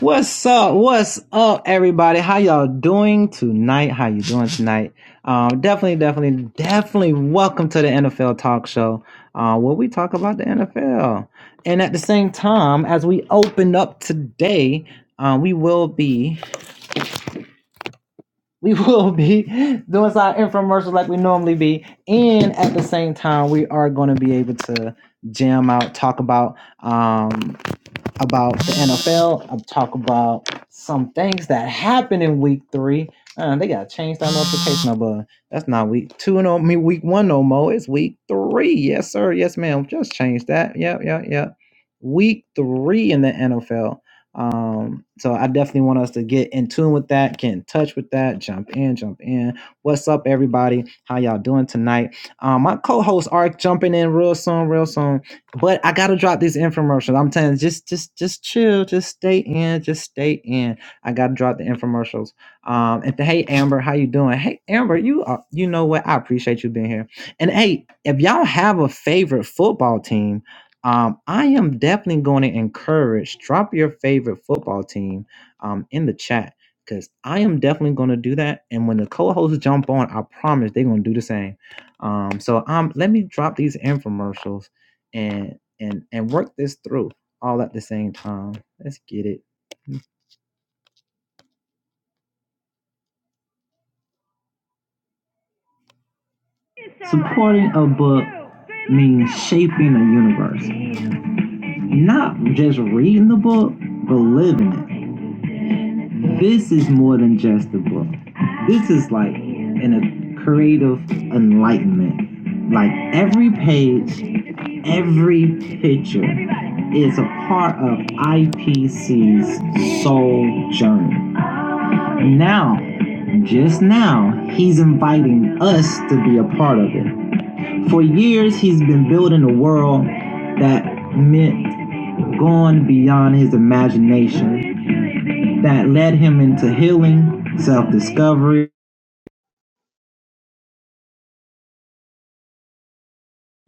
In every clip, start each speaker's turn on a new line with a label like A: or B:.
A: What's up? What's up, everybody? How y'all doing tonight? How you doing tonight? Um, definitely, definitely, definitely welcome to the NFL Talk Show, uh, where we talk about the NFL. And at the same time, as we open up today, uh, we will be we will be doing some infomercials like we normally be, and at the same time, we are going to be able to jam out, talk about um, about the NFL. i talk about some things that happened in week three. Uh, they gotta change that notification number. That's not week two no me week one no more. It's week three. Yes, sir. Yes, ma'am. Just change that. Yep, yep, yep. Week three in the NFL. Um, so I definitely want us to get in tune with that, get in touch with that, jump in, jump in. What's up, everybody? How y'all doing tonight? Um, my co-host Ark jumping in real soon, real soon. But I gotta drop these infomercials. I'm telling you, just just just chill, just stay in, just stay in. I gotta drop the infomercials. Um, and th- hey Amber, how you doing? Hey Amber, you are, you know what? I appreciate you being here. And hey, if y'all have a favorite football team, um, I am definitely going to encourage drop your favorite football team um in the chat because I am definitely going to do that. And when the co-hosts jump on, I promise they're going to do the same. Um, so um, let me drop these infomercials and and and work this through all at the same time. Let's get it. Supporting a book means shaping a universe, not just reading the book, but living it. This is more than just a book. This is like in a creative enlightenment. Like every page, every picture is a part of IPC's soul journey. Now, just now, he's inviting us to be a part of it. For years, he's been building a world that meant going beyond his imagination, that led him into healing, self discovery.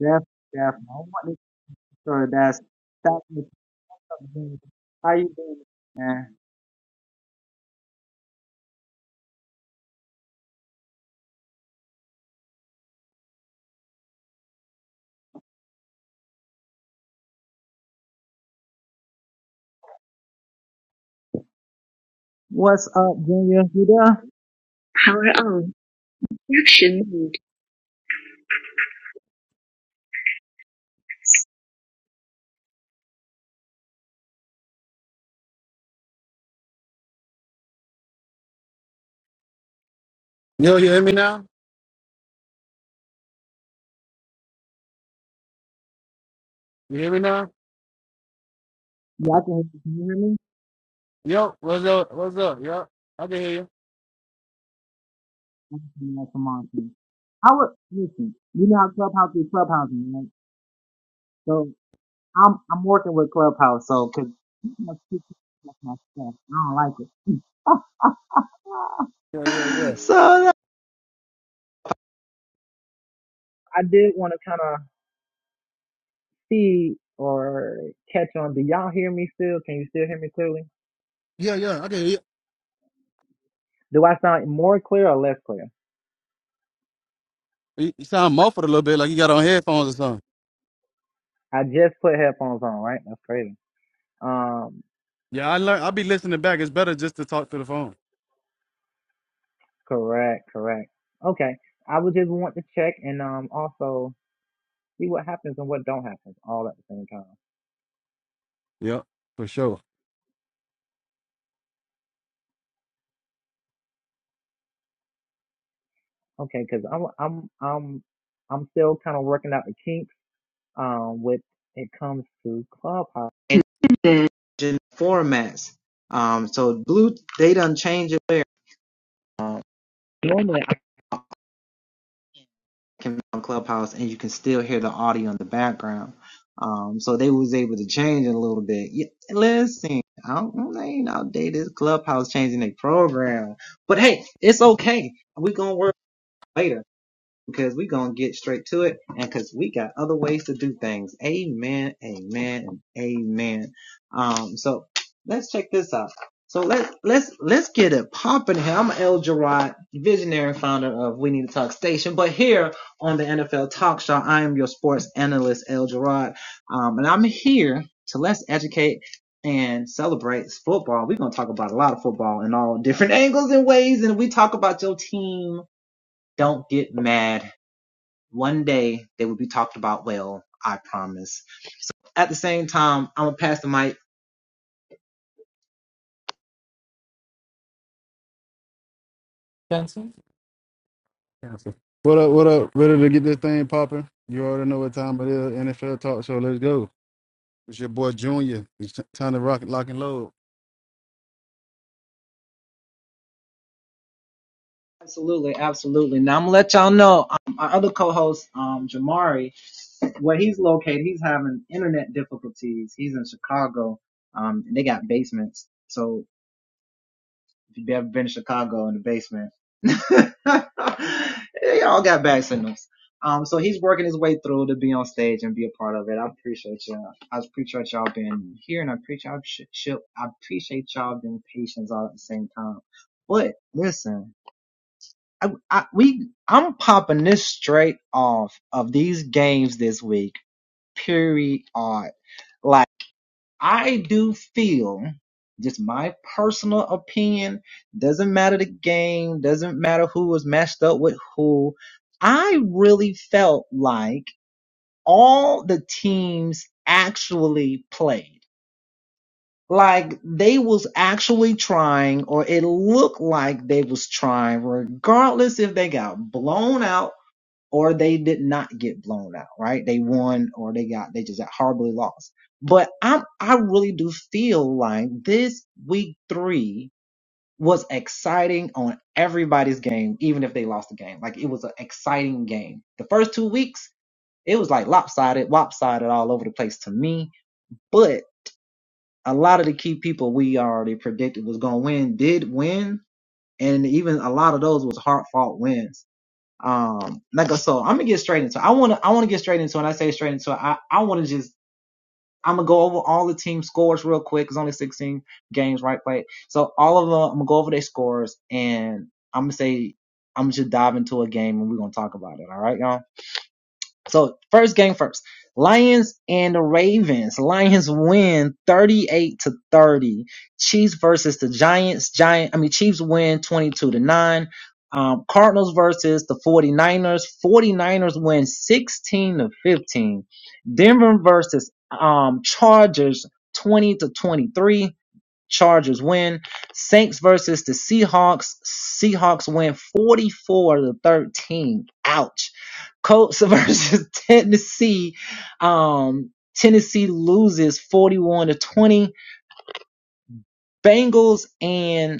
A: Jeff, Jeff, I want you to sure that's stop me How you doing, man? Power on. Action mode.
B: Yo, you hear me now? You hear me now? Yo, what's up? What's up? Yo, I can hear you. Yeah, yeah, yeah. Yeah, yeah, I can hear you. You you sound muffled a little bit, like you got on headphones or something. Yeah, I learned. I'll be listening back. It's better just to talk to the phone. Yep, for sure.
A: It comes through clubhouse. Changing formats. Um, so blue, they done change it. normally I can be on Clubhouse and you can still hear the audio in the background. Um, so they was able to change it a little bit. Yeah, listen, I don't, I ain't outdated. Clubhouse changing their program, but hey, it's okay. We gonna work later because we're going to get straight to it and because we got other ways to do things. Amen, amen, and amen. Um, so let's check this out. So let's, let's, let's get it popping here. I'm El Gerard, visionary founder of We Need to Talk Station, but here on the NFL Talk Show, I am your sports analyst, El Gerard. Um, and I'm here to let's educate and celebrate football. We're going to talk about a lot of football in all different angles and ways. And we talk about your team. Don't get mad one day they will be talked about well, I promise. So at the same time, I'm gonna pass the mic.
B: Cancel. Cancel. What up? What up? Ready to get this thing popping? You already know what time it is. NFL Talk Show. Let's go. It's your boy Junior. It's t- time to rock, lock, and load.
A: Absolutely, absolutely. Now I'm gonna let y'all know um, our other co-host, um, Jamari, where he's located, he's having internet difficulties. He's in Chicago. Um, and they got basements. So If you've ever been to Chicago in the basement, they all got bad signals. Um, so he's working his way through to be on stage and be a part of it. I appreciate y'all. I appreciate y'all being here, and I appreciate y'all. I appreciate y'all being patient all at the same time. But listen, I, I, we I'm popping this straight off of these games this week. Period. Like. I do feel, just my personal opinion, doesn't matter the game, doesn't matter who was matched up with who. I really felt like all the teams actually played. Like they was actually trying, or it looked like they was trying, regardless if they got blown out or they did not get blown out, right? They won or they got, they just got horribly lost. But I, I really do feel like this week three was exciting on everybody's game, even if they lost the game. Like it was an exciting game. The first two weeks, it was like Locks win 44 to 13. Ouch. Colts versus Tennessee. Um, Tennessee loses 41 to 20. Bengals and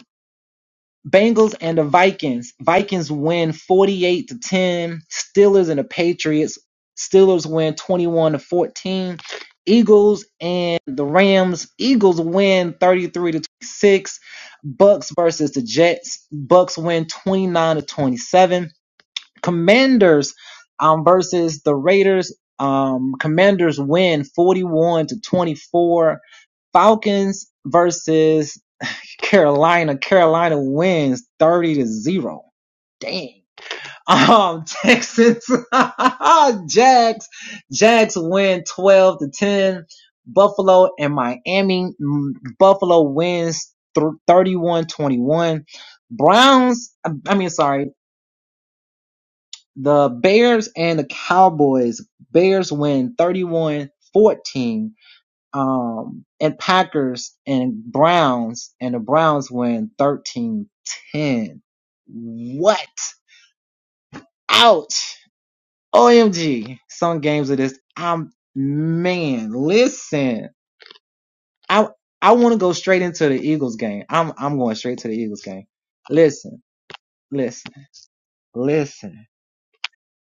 A: Bengals and the Vikings. Vikings win 48 to 10. Steelers and the Patriots. Steelers win 21 to 14. Eagles and the Rams. Eagles win 33 to 26. Bucks versus the Jets. Bucks win 29 to 27. Commanders um, versus the Raiders. Um, Commanders win 41 to 24. Falcons versus Carolina. Carolina wins 30 to 0. Dang. Um, Texans, Jags, Jags win 12 to 10. Buffalo and Miami. mm, Buffalo wins 31 21. Browns, I mean, sorry, the Bears and the Cowboys. Bears win 31 14 um, and Packers and Browns, and the Browns win thirteen ten. What? Ouch! OMG! Some games of this, I'm man. Listen, I want to right into Eagles game. I'm I'm going straight to the Eagles game. Listen, listen, listen.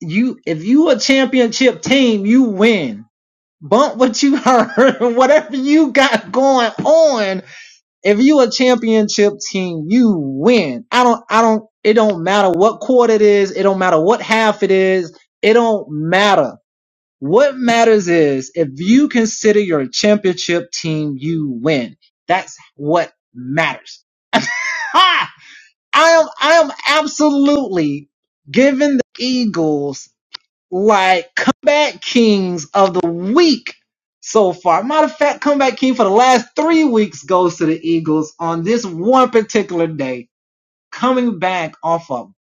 A: You if you a championship team, you win. Bump what you you got going on. If champion team, win don't matter. What matters is if you consider your championship team, you win. That's what matters. Ha! I am, I am absolutely giving the Eagles like comeback kings of the week so far. Matter of fact, comeback king for the last three weeks. Go Eagles on this one particular day, coming back off of.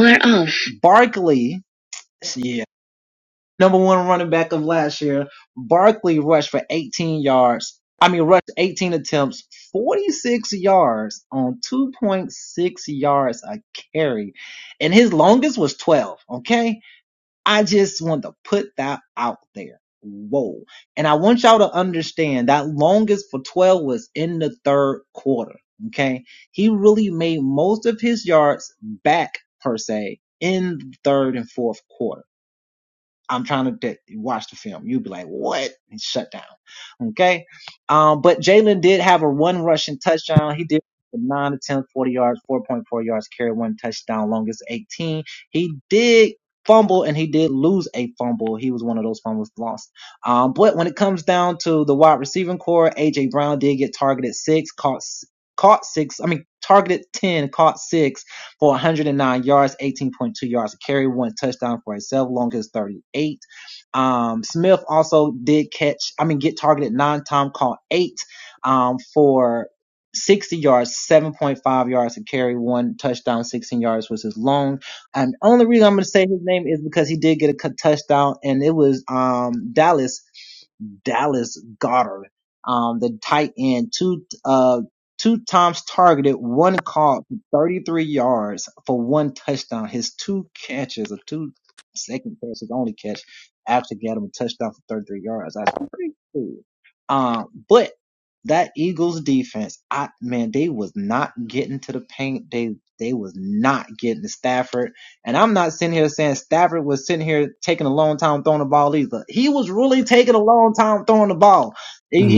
A: We're off.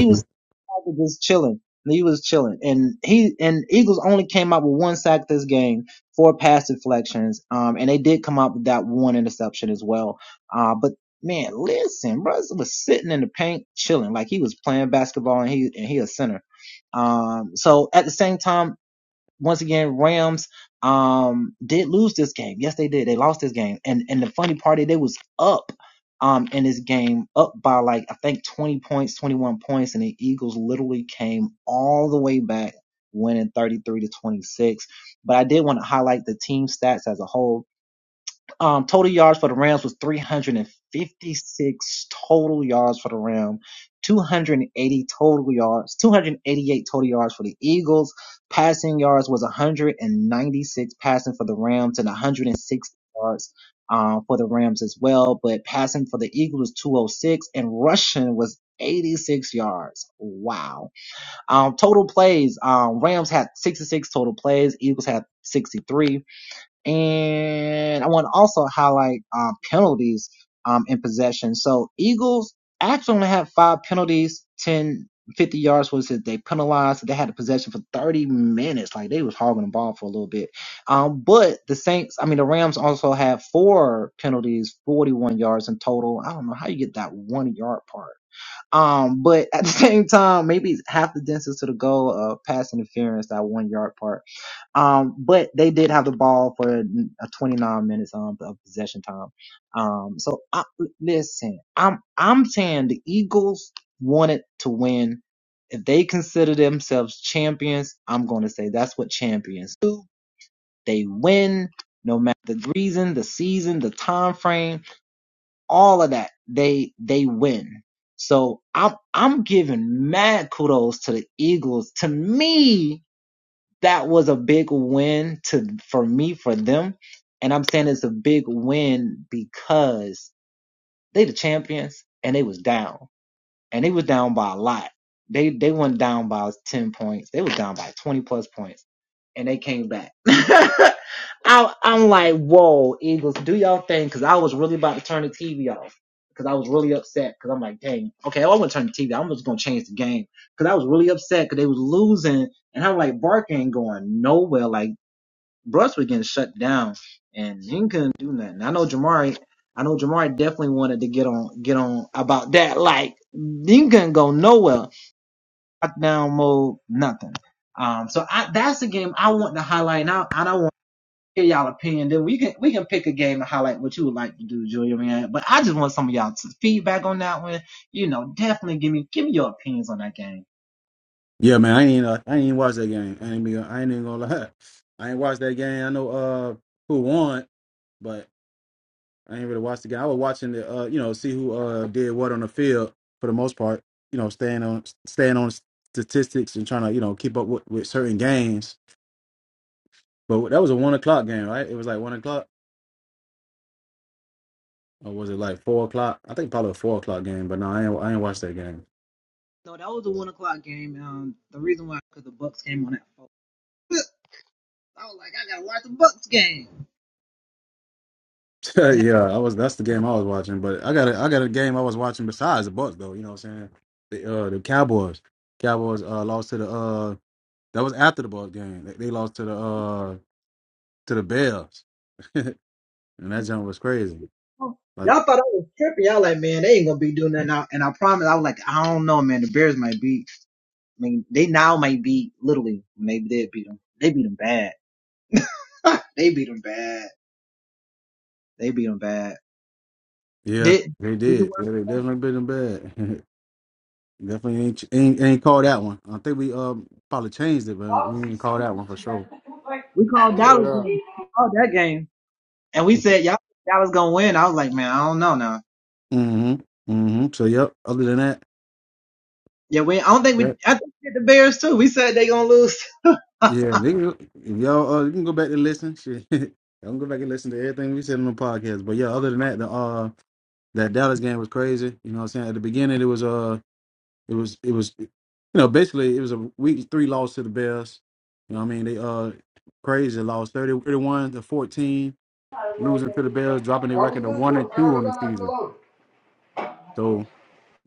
B: Yeah, man, I ain't uh, I ain't even watch that game. I ain't be, I ain't even gonna lie. I ain't watched that game. I know uh who won, but I ain't really watched the game. I was watching the uh you know see who uh did what on the field for the most part. You know, staying on staying on statistics and trying to you know keep up with, with certain games. But that was a one o'clock game, right? It was like one o'clock, or was it like four o'clock? I think probably a four o'clock game. But no, I ain't I ain't watched that game. yeah, I was. That's the game I was watching. But I got a, I got a game I was watching besides the Bucks though. You know what I'm saying? The uh, the Cowboys. Cowboys uh, lost to the uh that was after the Bucks game. They, they lost to the uh to the Bears, and that jump was crazy. Like yeah, they did. Yeah, they definitely been in bad. definitely ain't, ain't ain't called that one. I think we um probably changed it, but we didn't call that one for sure. Mm-hmm. Mm-hmm. So yep. Other than that. yeah. Yeah, they can, if y'all uh, you can go back and listen. Shit, you can go back and listen to everything we said on the podcast. But yeah, other than that, the uh that Dallas game was crazy. You know what I'm saying? At the beginning, it was uh it was it was you know basically it was a week three loss to the Bears. You know what I mean? They uh crazy lost 30, 31 to fourteen, losing to the Bears, dropping
C: I
B: their
C: was
B: record to
C: gonna do
B: one and
C: it. I
B: two
C: already
B: on the
C: done that for the
B: season.
C: load.
B: So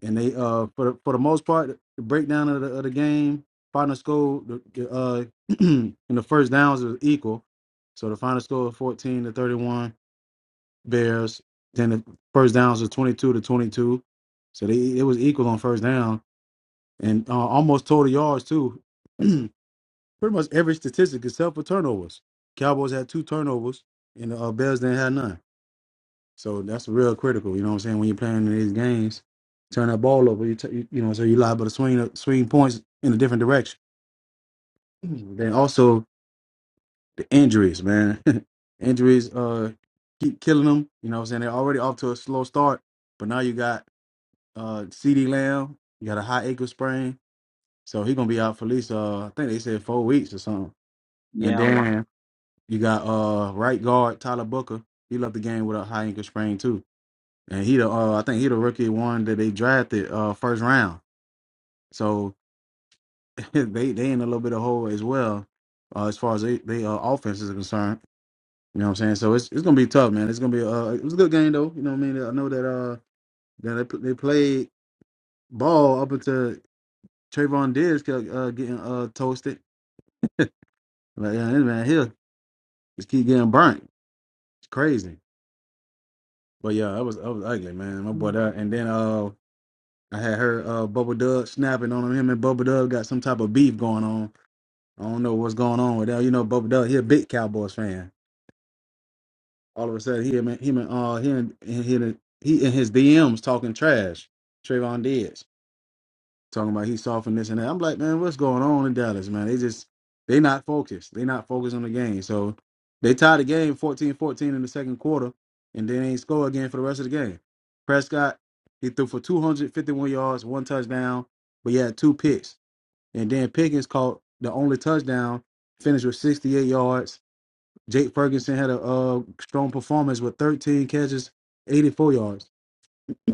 B: and they uh for the- for the most part the breakdown of the, of the game final score the, the, uh in the first downs was equal so the final score was 14 to 31 bears then the first downs was 22 to 22 so they it was equal on first down and uh, almost total yards too pretty much every statistic except for turnovers cowboys had two turnovers and the uh, bears didn't have none so that's real critical. You know what I'm saying? When you're playing in these games, turn that ball over. You, t- you, you know, so you liable to swing swing points in a different direction. Then also the injuries, man. injuries uh keep killing them. You know what I'm saying? They're already off to a slow start, but now you got uh CD Lamb. You got a high ankle sprain, so he gonna be out for at least uh I think they said four weeks or something. And then you got uh right guard Tyler Booker. He left the game with a high ankle sprain too. and he the uh, I think he the rookie one that they drafted uh first round. So they they in a little bit of hole as well uh, as far as they, they uh, offense is concerned. You know what I'm saying? So it's it's gonna be tough, man. It's gonna be uh it was a good game though. You know what I mean? I know that uh that they put- they played ball up until Trayvon Diggs kept uh, getting uh toasted. Like yeah, this man here just keep getting burnt. It's crazy. But yeah, that was that was ugly, man. My boy, that, and then uh I had heard uh Bubble Dub snapping on him. Him and Bubble Dub got some type of beef going on. I don't know what's going on with that. You know, Bubba Doug, he a big Cowboys fan. All of a sudden, he him and him and uh he and he and, he and his DMs talking trash. Trayvon Diggs talking about he softened this and that. I'm like, man, what's going on in Dallas, man? They just they not focused. They not focused on the game. So they tied the game 14-14 in the second quarter, and then they ain't score again for the rest of the game. Prescott he threw for 251 yards, one touchdown, but he had two picks. And then Pickens caught the only touchdown, finished with 68 yards Jake Ferguson had a uh, strong performance with 13 catches, 84 yards.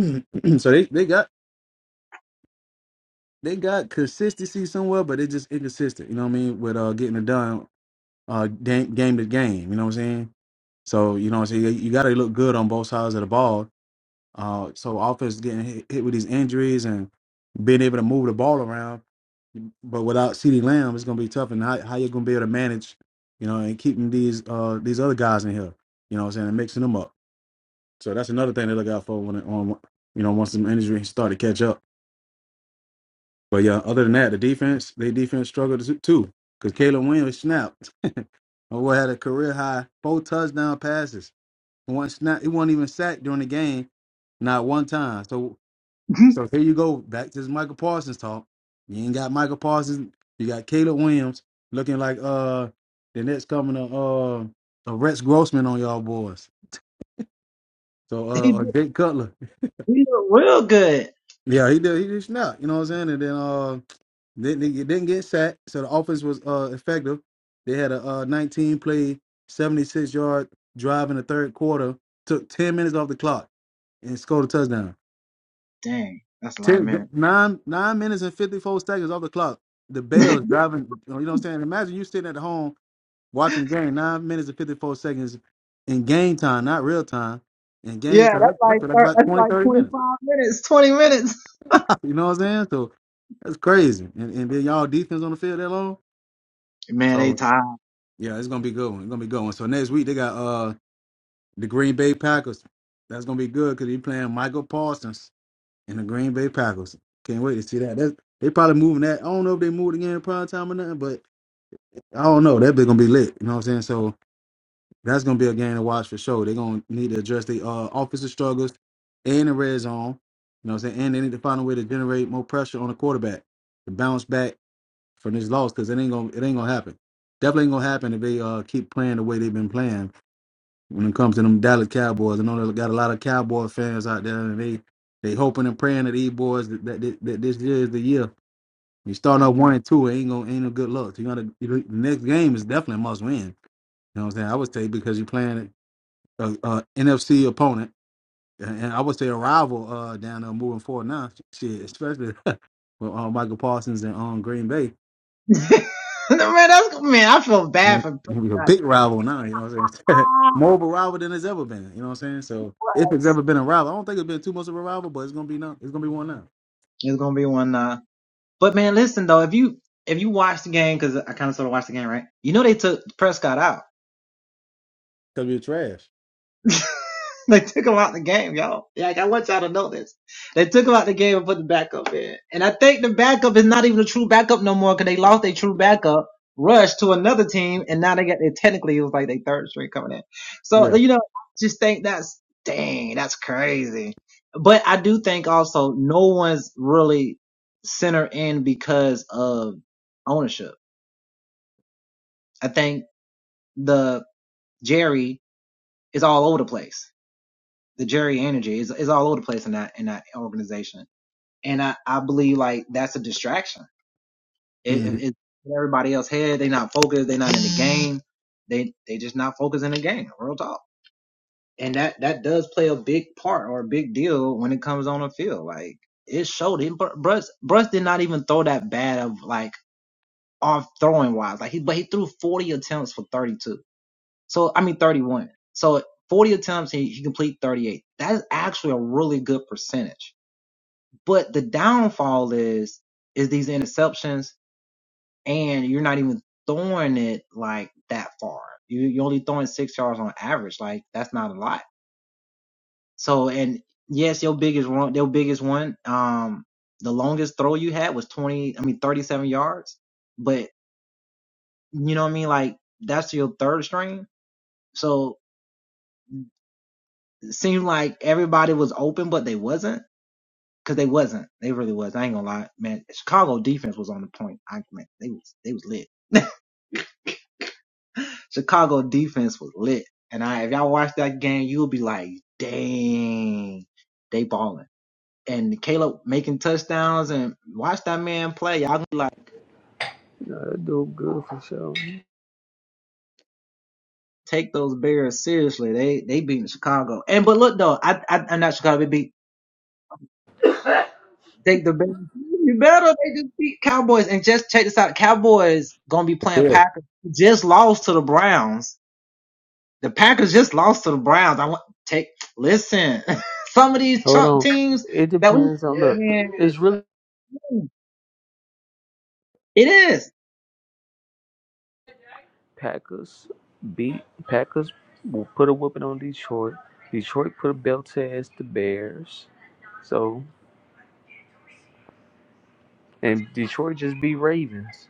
B: so they, they got they got consistency somewhere, but they just inconsistent. You know what I mean? With uh, getting it done, uh, game, game to game. You know what I'm saying? So you know what I'm saying. You got to look good on both sides of the ball. Uh, so offense getting hit, hit with these injuries and being able to move the ball around, but without CeeDee Lamb, it's gonna be tough. And how how you gonna be able to manage, you know, and keeping these uh these other guys in here, you know, what I'm saying, and mixing them up. So that's another thing to look out for when it, on you know once some injury start to catch up. But yeah, other than that, the defense they defense struggled to- too because Caleb Williams snapped. Oh, boy had a career high four touchdown passes. One snap, he wasn't even sacked during the game, not one time. So so here you go back to this Michael Parsons talk. You ain't got Michael Parsons. You got Caleb Williams looking like uh the next coming to uh a Rex Grossman on y'all boys. So uh or Jake Cutler. Yeah, he did. He did snap. You know what I'm saying? And then uh, then they didn't get sacked, so the offense was uh effective. They had a uh 19 play, 76 yard drive in the third quarter. Took 10 minutes off the clock and scored a touchdown. Ten, nine nine minutes and 54 seconds off the clock. The Bears driving. You know what I'm saying? Imagine you sitting at home watching the game. Nine minutes and 54 seconds in game time, not real time. In game time, that's, that's like about 20, 30 minutes. You know what I'm saying? So that's crazy. And and then y'all defense on the field that long. So yeah, it's gonna be a good one. It's gonna be a good one. So next week they got uh the Green Bay Packers. That's gonna be good because he playing Michael Parsons and the Green Bay Packers. Can't wait to see that. That's, they probably moving that. I don't know if they moved again in prime time or nothing, but I don't know. That bit gonna be lit. You know what I'm saying? So that's gonna be a game to watch for sure. They're gonna need to address the uh offensive struggles and the red zone. You know what I'm saying? And they need to find a way to generate more pressure on the quarterback to bounce back from this loss because it ain't gonna it ain't gonna happen. Definitely ain't gonna happen if they uh keep playing the way they've been playing when it comes to them Dallas Cowboys. I know they got a lot of Cowboy fans out there, and they they hoping and praying that these boys that, that, that, this year is the year. You start off one and two, it ain't gonna ain't no good luck. You gotta you, the next game is definitely a must win. You know what I'm saying? I would say because you're playing a, NFC opponent, and and I would say a rival uh, down there moving forward now. Shit, especially with uh, Michael Parsons and um, Green Bay. He's a big rival now, you know what I'm saying? More of a rival than it's ever been, you know what I'm saying? So if it's ever been a rival, I don't think it's been too much of a rival, but it's gonna be now. It's gonna be one now because we're trash. Yeah. Mhm.
C: That do good for sure.
B: Yeah.
C: Hold on. It depends on Yeah, look. because we need It's to. really Packers beat Packers will put a whooping on Detroit. Detroit put a belt to ass the Bears. So and Detroit just beat Ravens.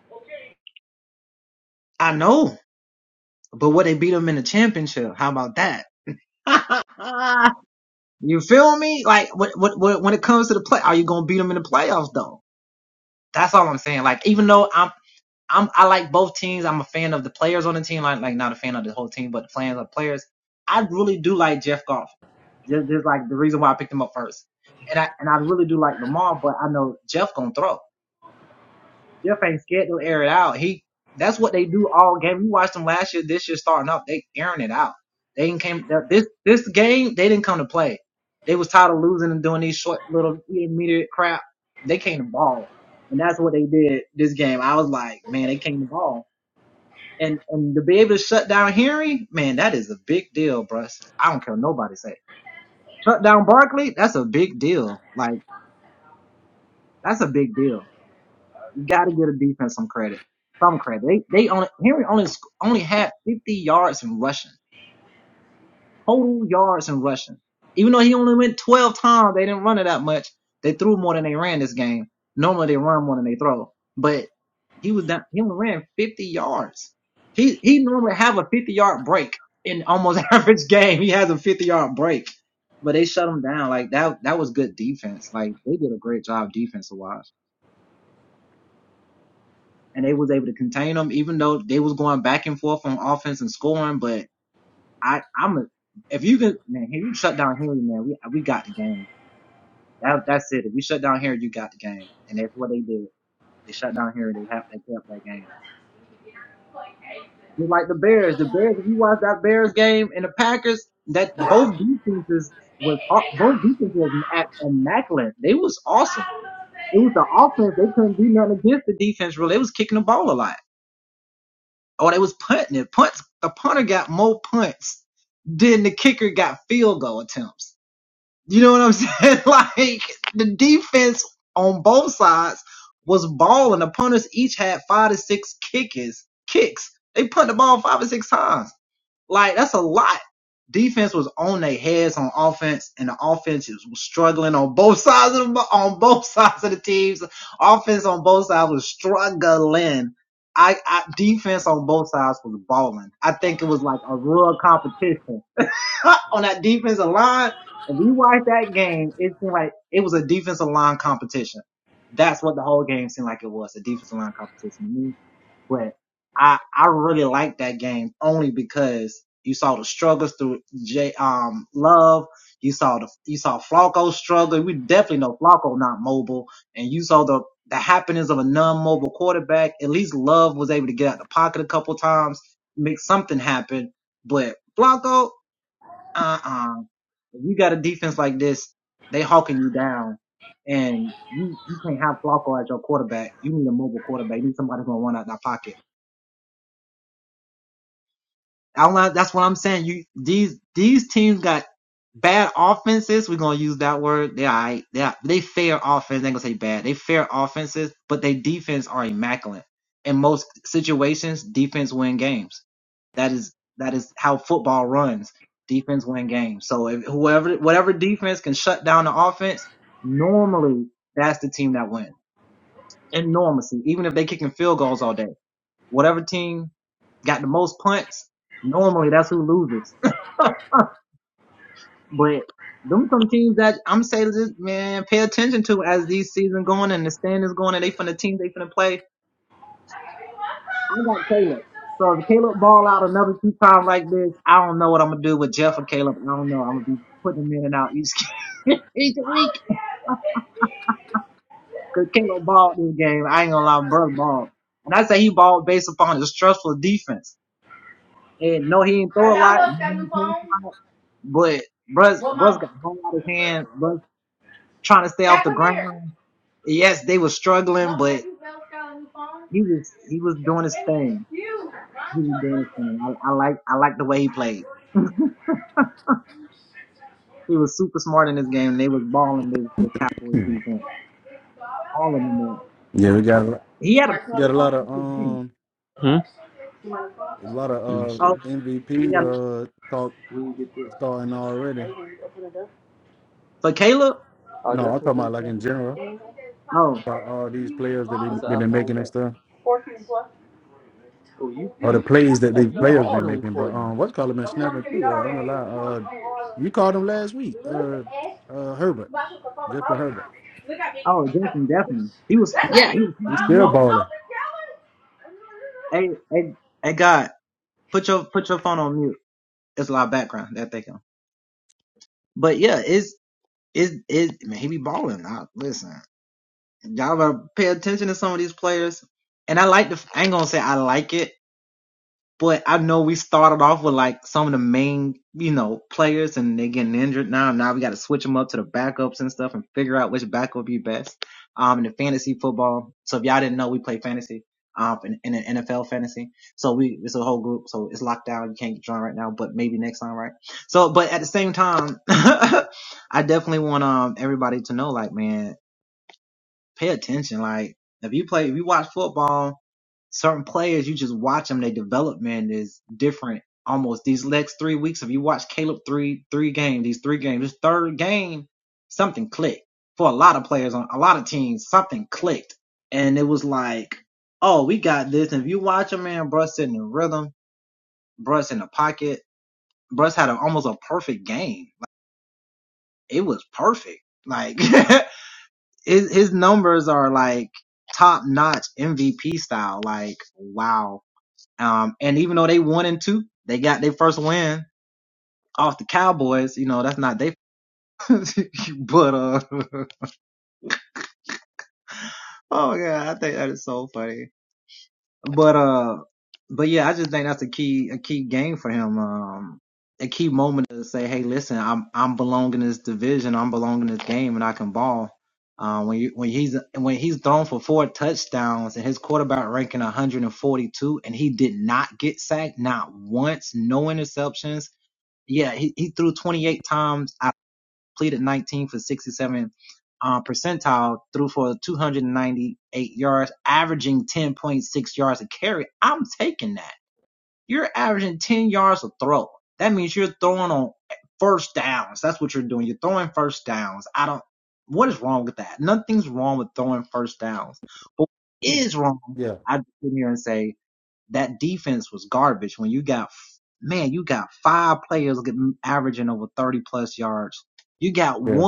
B: Hmm. Yeah, we got a- got a lot of um
C: Hmm?
B: a lot
C: Let me
B: of uh
C: see.
B: MVP uh talk
C: We can get this.
B: starting already.
C: Oh,
B: No,
C: that's
B: I'm
C: what's
B: talking
C: in
B: about
C: the
B: like in
C: package.
B: general about all these players that they
C: It's an
B: they've been
C: iPhone
B: making and
C: one.
B: stuff.
C: Oh, you
B: or the
C: you
B: plays that
C: hey
B: these
C: you
B: players
C: hard
B: been
C: on
B: making. But
C: Courtney.
B: um, what's called been snapping too. Uh, I ain't gonna lie. Uh, you called him last week. Uh, uh, Herbert, Justin Herbert. He's still balling. Yeah, yeah,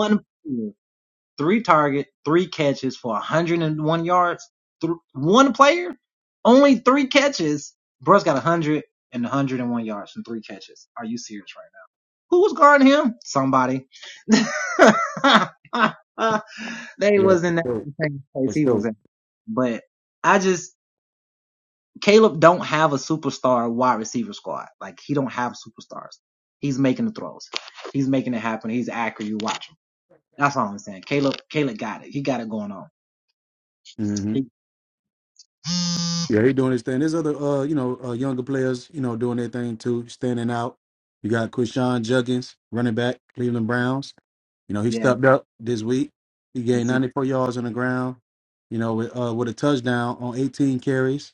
B: yeah. For sure. For sure. hmm Yeah, he doing his thing. There's other, uh, you know, uh, younger players, you know, doing their thing too, standing out. You got Krishan Juggins, running back, Cleveland Browns. You know, he stepped up this week. He gained 94 yards on the ground. You know, with, uh, with a touchdown on 18 carries.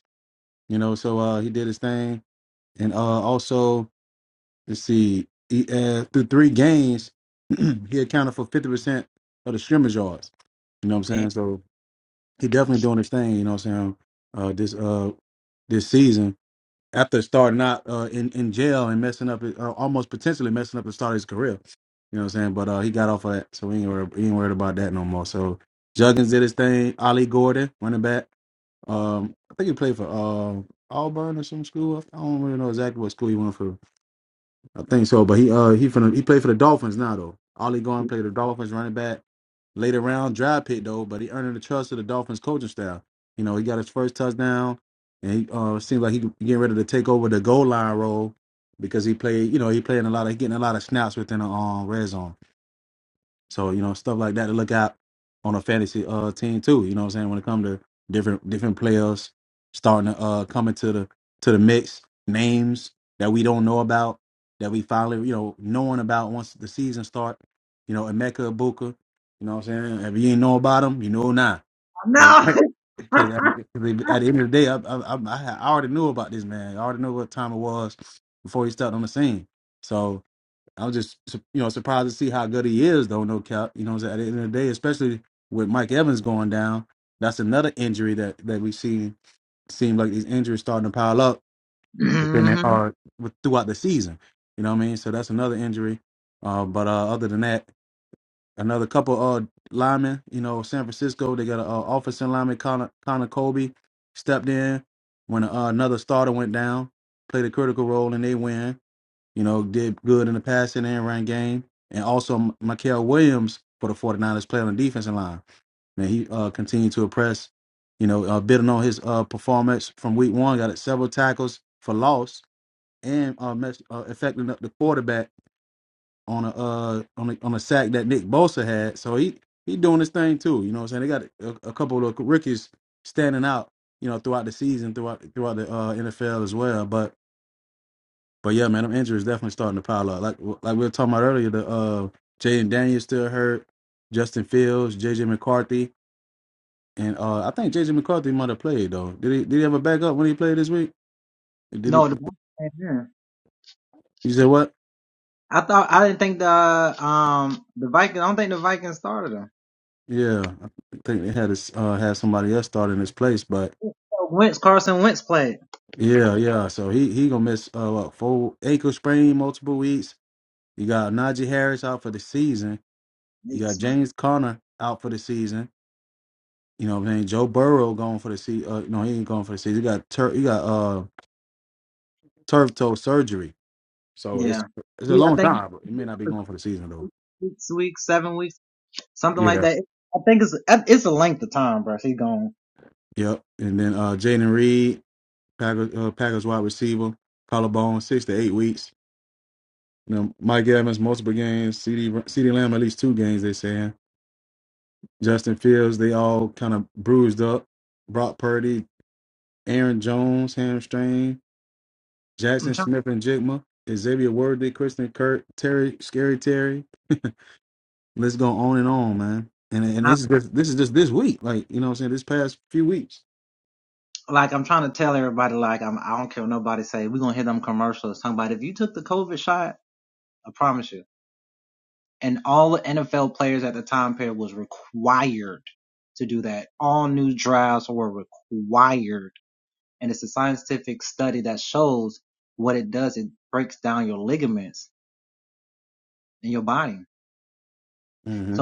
B: You know, so uh, he did his thing, and uh, also let's see, he, uh, through three games, he accounted for fifty percent of the scrimmage yards. You know what I'm saying? So he definitely doing his thing. You know what I'm saying? Uh, this uh, this season after starting out uh, in in jail and messing up, his- uh, almost potentially messing up the start of his career. You know what I'm saying? But uh, he got off of that, so we ain't worried, we ain't worried about that no more. So Juggins did his thing. Ali Gordon, running back. Um, I think he played for um Auburn or some school. I don't really know exactly what school he went for. I think so, but he uh he from he played for the Dolphins now though. Ollie Gordon played the Dolphins running back later round draft pick though, but he earned the trust of the Dolphins coaching staff. You know, he got his first touchdown, and he uh seems like he getting ready to take over the goal line role because he played. You know, he playing a lot of he getting a lot of snaps within the um, red zone. So, you know, stuff like that to look out on a fantasy uh team too. You know what I'm saying? When it comes to different different players starting to uh coming to the to the mix, names that we don't know about, that we finally, you know, knowing about once the season start, you know, Emeka Ibuka, you know what I'm saying? If you ain't know about him, you know now. Because at, the- at the end of the day, I, I, I, I already knew about this man. I already knew what time it was before he stepped on the scene. So, I was just su- you know surprised to see how good he is though. No cap, you know. what I'm saying? At the end of the day, especially with Mike Evans going down, that's another injury that that we see seem like these injuries starting to pile up within the, uh with, throughout the season. You know what I mean? So that's another injury. Uh, but uh, other than that, another couple uh linemen. You know, San Francisco they got an uh, offensive lineman Connor, Connor Colby stepped in when uh, another starter went down, played a critical role, and they win you know, did good in the passing and run game. And also M- Mikael Williams for the 49ers playing on the defensive line. Man, he uh, continued to impress, you know, uh, building on his uh, performance from week one, got several tackles for loss and uh, mess, uh, affecting up the quarterback on a, uh, on a on a sack that Nick Bosa had. So he he doing his thing too. You know what I'm saying? They got a, a couple of rookies standing out, you know, throughout the season, throughout throughout the uh, NFL as well. But but yeah, man, them injuries definitely starting to pile up. Like like we were talking about earlier, the uh Jaden Daniels still hurt, Justin Fields, JJ McCarthy, and uh I think JJ McCarthy might have played though. Did he did he ever back up when he played this week? Did he you said what? Yeah. I think they had his uh had somebody else start in his place, but yeah, yeah. So he he gonna miss uh what, full ankle sprain multiple weeks. You got Najee Harris out for the season. You got James Conner out for the season. You know what I'm saying? Joe Burrow going for the sea. Uh, no, he ain't going for the season. He got tur- he got uh turf toe surgery, so it's it's a long time. But it may not be going for the season though. Yeah. Yep. And then uh Jaden Reed, Packers, uh, Packers wide receiver, collarbone, six to eight weeks. You know, Mike Evans multiple games. CD Lam- CD Lamb at least two games. They saying Justin Fields. They all kind of bruised up. Brock Purdy, Aaron Jones hamstring. Jackson Smith and Jigma, Xavier Worthy, Kristen Kurt, Terry, Scary Terry. Let's go on and on, man. And and this is just this is just this week, like you know what I'm saying, this past few weeks. hmm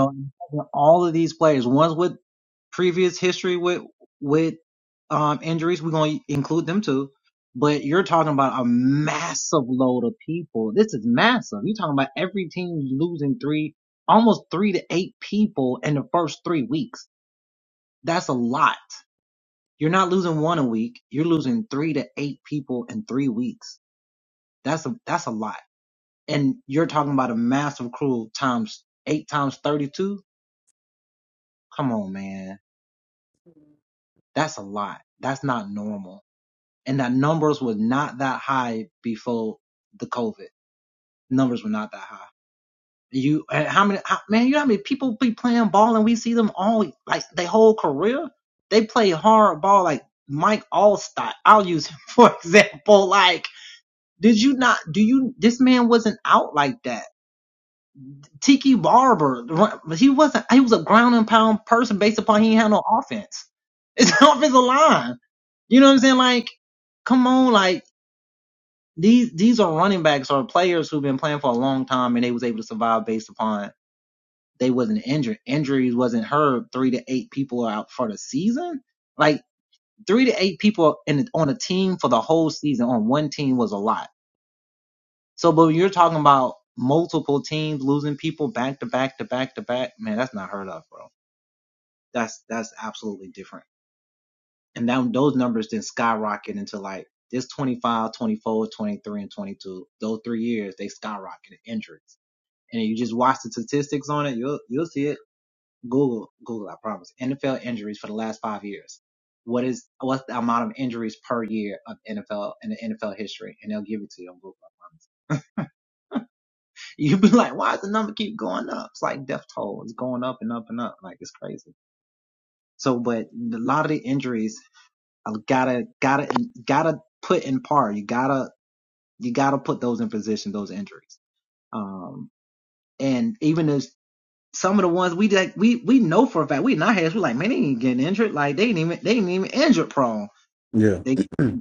B: Yeah.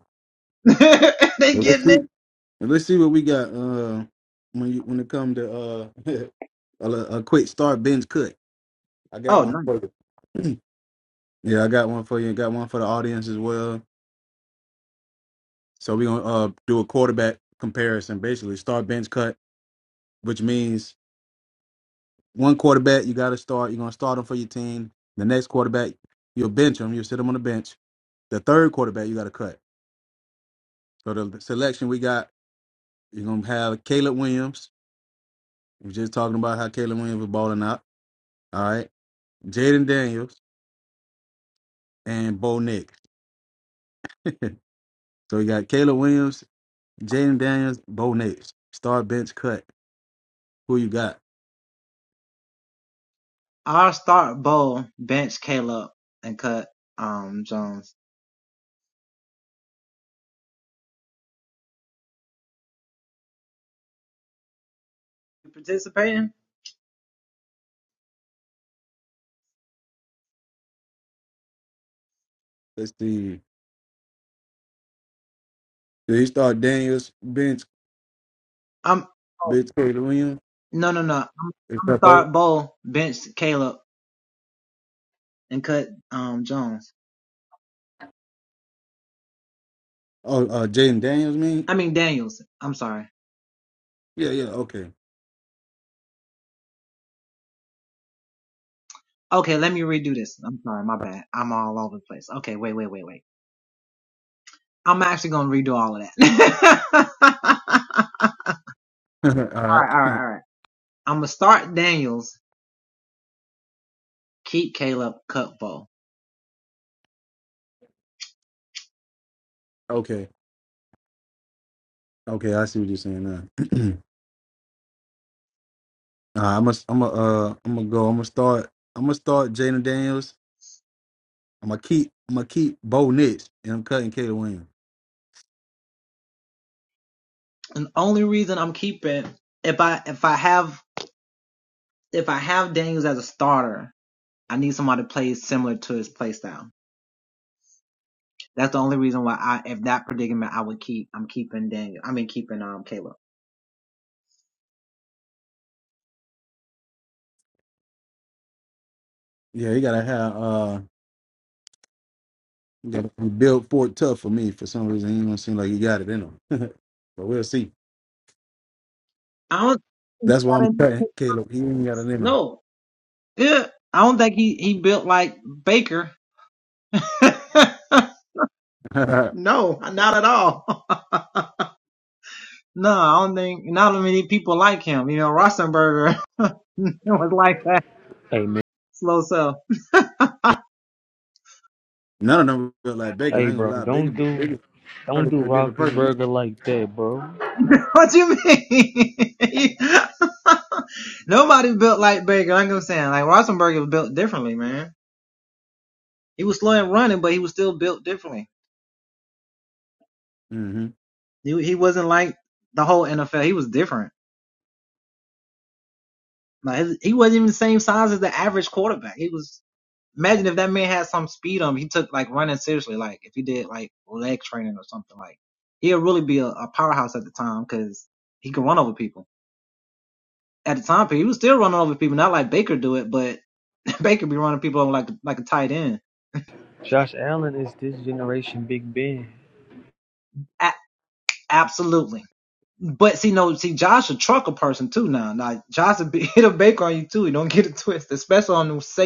B: Well, let's see. well, Let's see what we got uh, when you when it comes to uh, a, a quick start bench cut. I got one for you. yeah, I got one for you. Got one for the audience as well. So we're gonna uh, do a quarterback comparison, basically start bench cut, which means one quarterback you got to start. You're going to start him for your team. The next quarterback you'll bench him. You'll sit him on the bench. The third quarterback you got to cut. So the selection we got, you're going to have Caleb Williams. We're just talking about how Caleb Williams was balling out. All right, Jaden Daniels and Bo Nix. so you got Caleb Williams, Jaden Daniels, Bo Nix. Start bench cut. Who you got? Let's see. Did he start Daniels bench bench Caleb Williams? Is that both? Oh, uh, Jaden Daniels mean? Yeah, yeah, okay. All right. Okay. Okay. I see what you're saying now. All right, I must. I'm gonna. Uh, I'm gonna go. I'm gonna start. I'm gonna start Jaden Daniels. I'm gonna keep. I'm gonna keep Bo Nix, and I'm cutting Caleb Williams.
A: I'm keeping Daniel. I mean, keeping um Caleb.
B: Yeah, he gotta have. Uh, he gotta be built Fort tough for me. For some reason, he don't seem like he got it in him. but we'll see. That's why I'm cutting Caleb. He ain't got it in him. None
C: Hey man.
B: of them feel like Baker.
C: Hey
B: I ain't gonna
C: bro,
B: lie.
C: don't
B: Baker.
C: do
B: Baker turned
C: don't do
B: into a different
C: Rockets
B: person.
C: burger like that, bro.
B: Mm-hmm.
C: Josh Allen is this generation Big Ben.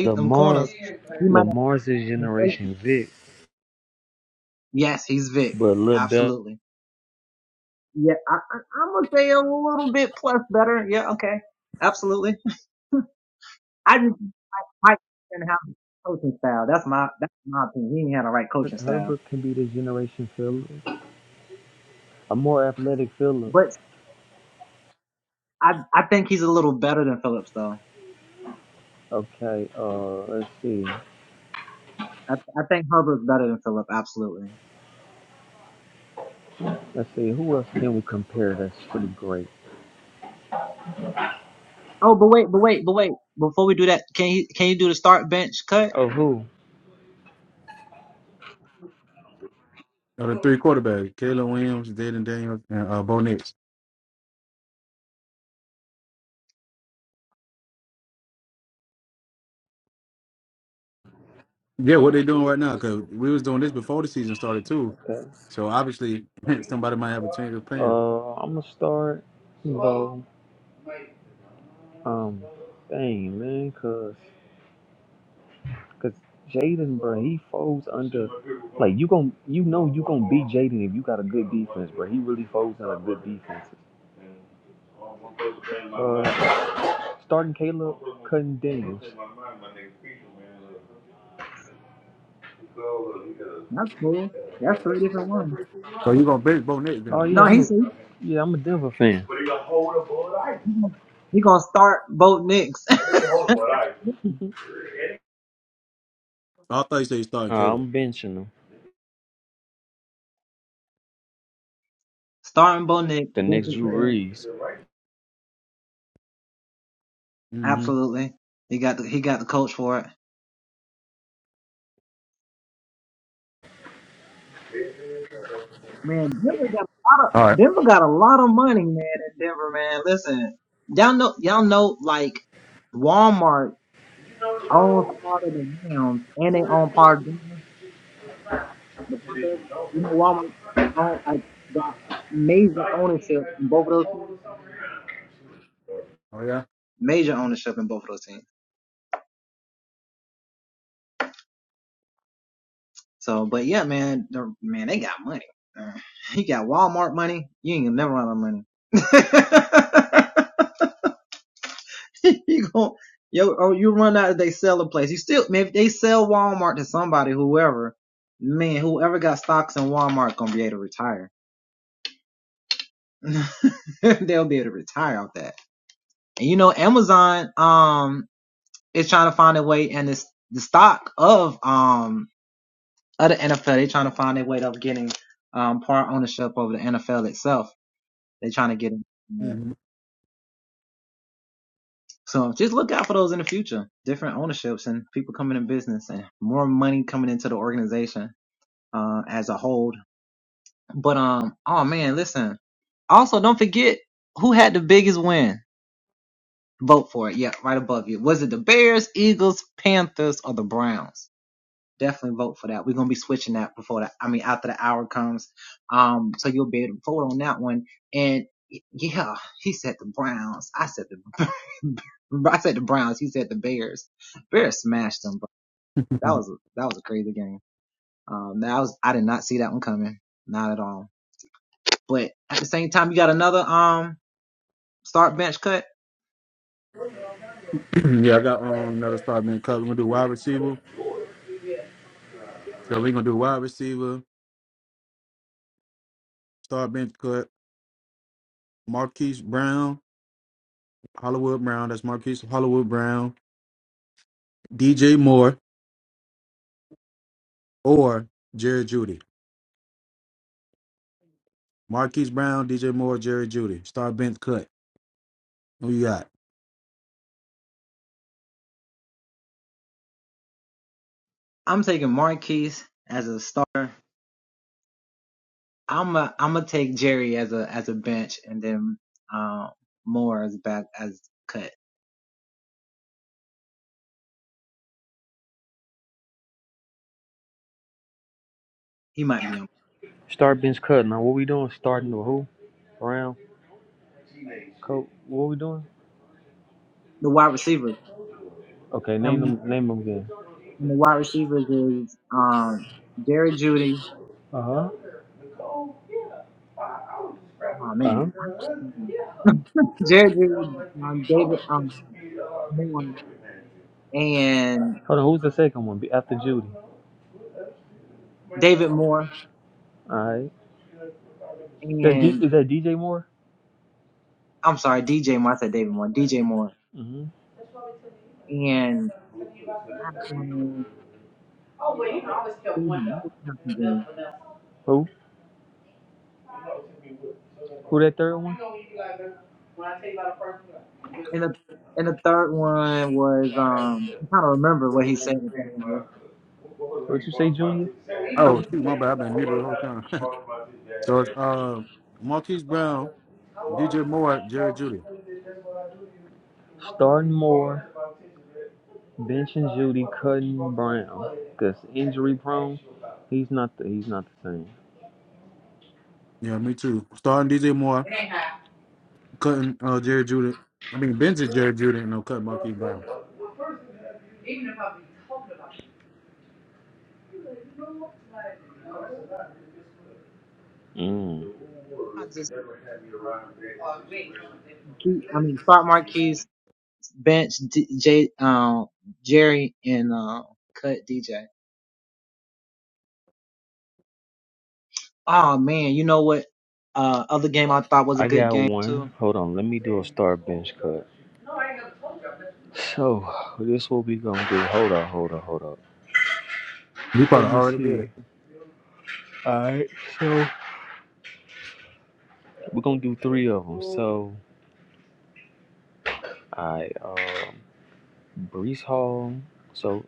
C: Lamar Lamar's this generation Vic. But Lil Bel Herbert can be this generation Phillip. A more athletic Phillip. Okay, uh let's see. Let's see, who else can we compare that's pretty great? Oh who?
B: Of the three quarterbacks, Caleb Williams, Jaden Daniels, and uh, Bo Nix. Yeah, what they doing right now? Because we was doing this before the season started too.
C: Okay.
B: So obviously somebody might have a change of plan.
C: Uh I'm gonna start you know, um dang man, cuz Cause Jaden, bro, he folds under like you gon' you know you gonna beat Jaden if you got a good defense, bro. He really folds under good defense. Uh, starting Caleb cutting Daniels.
B: So you gonna bench Bo Nix
C: Oh
B: then?
C: yeah, I'm a yeah I'm a Denver fan.
B: I thought you said you starting
C: Uh,
B: Caleb.
C: I'm benching him. The next Drew Brees.
B: Mm-hmm. All right. Oh yeah. Mm-hmm. yeah, I got um, another start bench cut. We're gonna do wide receiver. So we're gonna do wide receiver, start bench cut, Marquise Brown, Hollywood Brown. That's Marquise Hollywood Brown, DJ Moore, or Jerry Judy. Marquise Brown, DJ Moore, Jerry Judy. Start bench cut. Who you got?
C: Start bench cut. Now, what we doing? Starting with who? Brown? Coach? What we doing? Okay, name them. Name them again. Uh huh. Uh huh. Hold on. Who's the second one? Be- After Judy. All right. That's D- is that DJ Moore? Mm-hmm. Who? Who that third one? What you say, Junior?
B: Oh shoot, my bad. I've been muted the whole time. so it's uh Marquise Brown, DJ Moore, Jerry Judy.
C: Starting more, benching Judy, cutting Brown. Cause injury prone, he's not the he's not the
B: Yeah, me too. Starting DJ Moore, cutting uh Jerry Judy. I mean Ben's is Jerry Judy and I'm cutting Marquise Brown.
C: same. Mm. I got one. Hold on, let me do a star bench cut. So this what we gonna do. Hold on, hold on, hold on.
B: He probably
C: Let me
B: already did
C: see.
B: it.
C: Alright, so we're gonna do three of them. So I um Brees Hall. So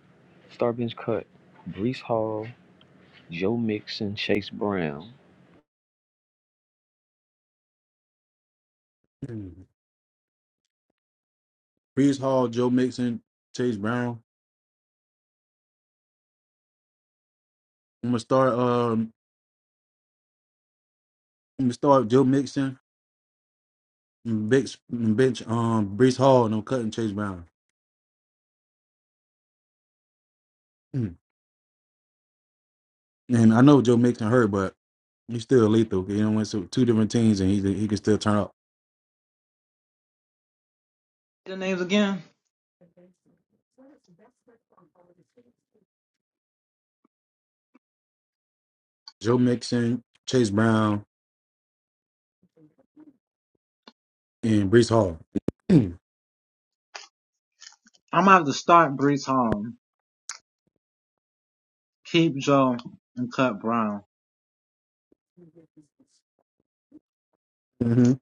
C: star bench cut. Brees Hall, Joe Mixon, Chase Brown.
B: Mm. Brees Hall, Joe Mixon, Chase Brown. I'm gonna start um I'm gonna start Joe Mixon and bench, and bench um Brees Hall and I'm cutting Chase Brown. Mm. And I know Joe Mixon hurt, but he's still lethal. You know, went to two different teams and he he can still turn up. Joe Mixon, Chase Brown, and Brees Hall. hmm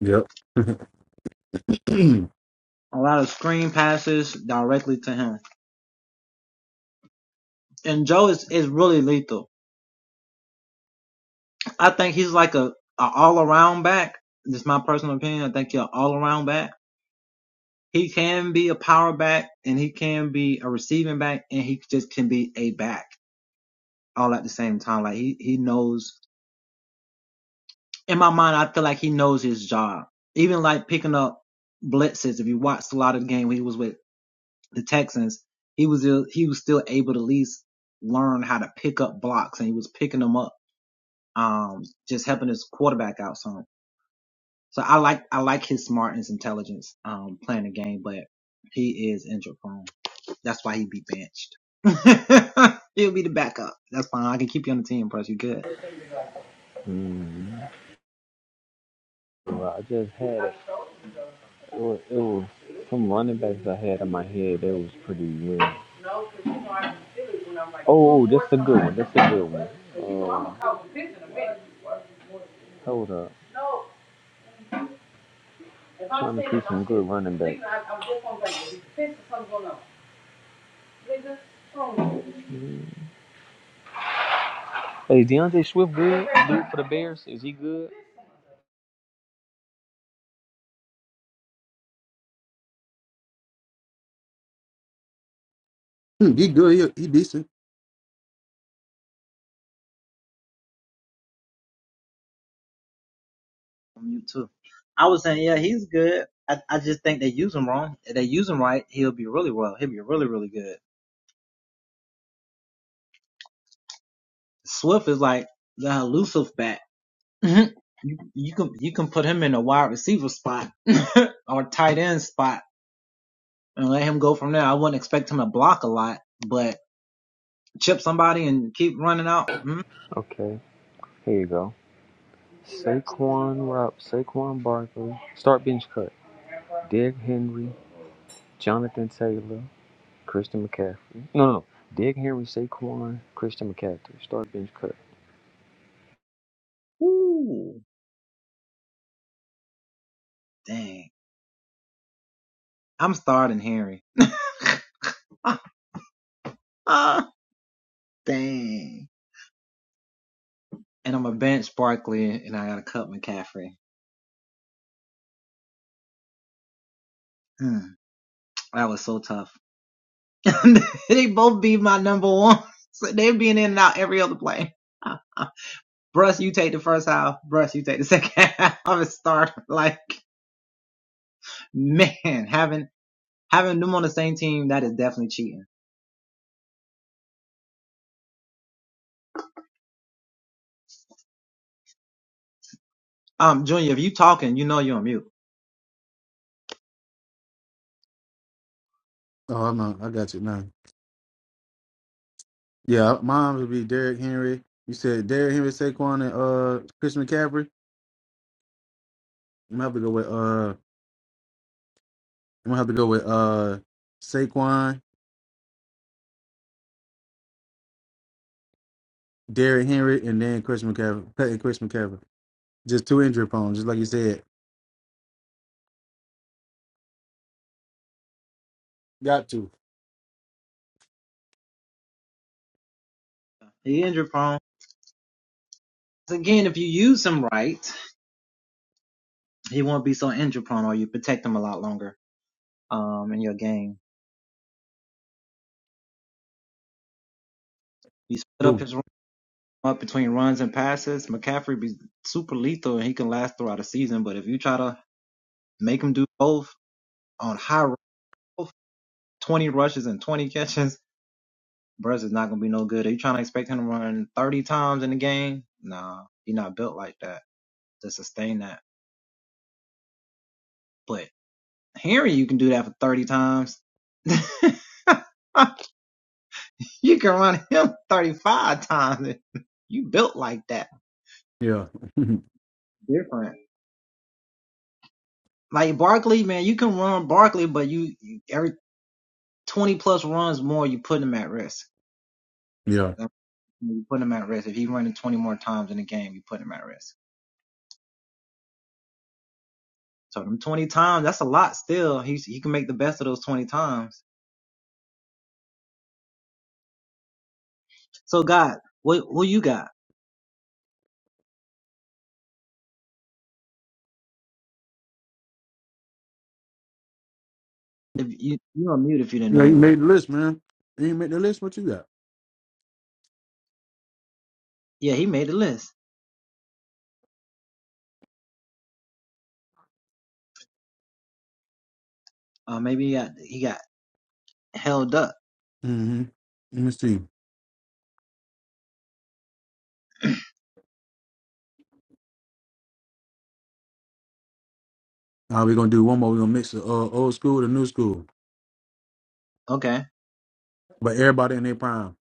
B: Yep. he
C: Hmm. Well, I just had a It was, it was some running backs I had in my head that was pretty weird. Oh, oh, that's a good one. That's a good one. Um, hold up. Trying to see some good running backs. Hey, Deontay Swift good? Dude for the Bears? Is he good?
B: good. He, he decent.
C: Okay, here you go. Saquon Rob, Saquon Barkley, start bench cut. Derrick Henry, Jonathan Taylor, Christian McCaffrey. No, no, no. Derrick Henry, Saquon, Christian McCaffrey. Start bench cut.
B: Oh, I'm not, I got you now. Yeah, mine would be Derrick Henry. You said Derrick Henry, Saquon, and uh, Chris McCaffrey. I'm gonna have to go with uh, I'm gonna have to go with uh, Saquon, Derrick Henry, and then Chris McCaffrey. And Chris McCaffrey. Just two injury prone, just like you said. Got to. Two. Yeah. yeah. Yeah. You made the list, man. You ain't made the list. What you got? hmm Let me see. Uh, we're gonna do one more. We're gonna mix the uh, old school with the new school, but everybody in their prime.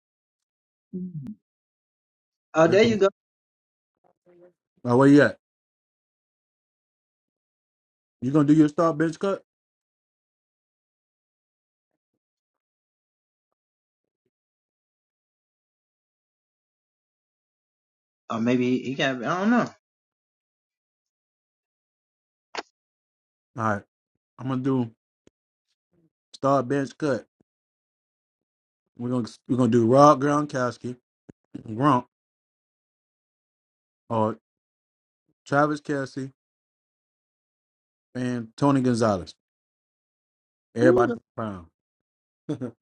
B: Let- Uh, where you at? You gonna do your start bench cut? All right, I'm gonna do start bench cut. We're gonna we're gonna do Rob Gronkowski, Gronk, or Travis Kelsey and Tony Gonzalez. Everybody in their prime.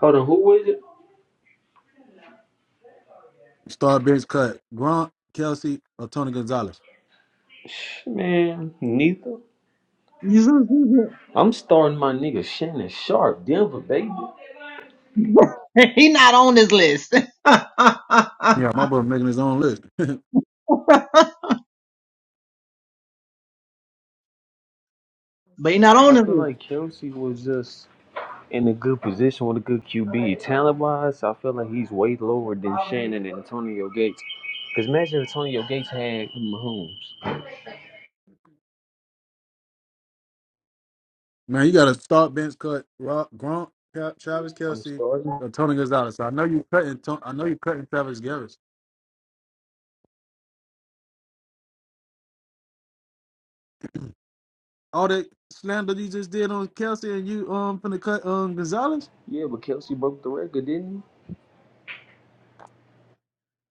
C: Hold on, who is it?
B: start bench cut. Gronk, Kelsey, or Tony Gonzalez.
C: Sh- Man, neither. I'm starting my nigga Shannon Sharp, Denver baby.
B: Yeah, my brother making his own list.
C: I feel like Kelsey was just in a good position with a good QB. Talent wise, I feel like he's way lower than Shannon and Antonio Gates. Because imagine if Antonio Gates had Mahomes.
B: Man, you got to start bench cut Rob, Gronk, Tra- Travis
C: I'm
B: Kelsey,
C: starting.
B: or Tony Gonzalez. I know you cutting. Ton- I know you cutting Travis Garris. All that slander you just did on Kelsey and you um from the cut um Gonzalez,
C: Yeah, but Kelsey broke the record, didn't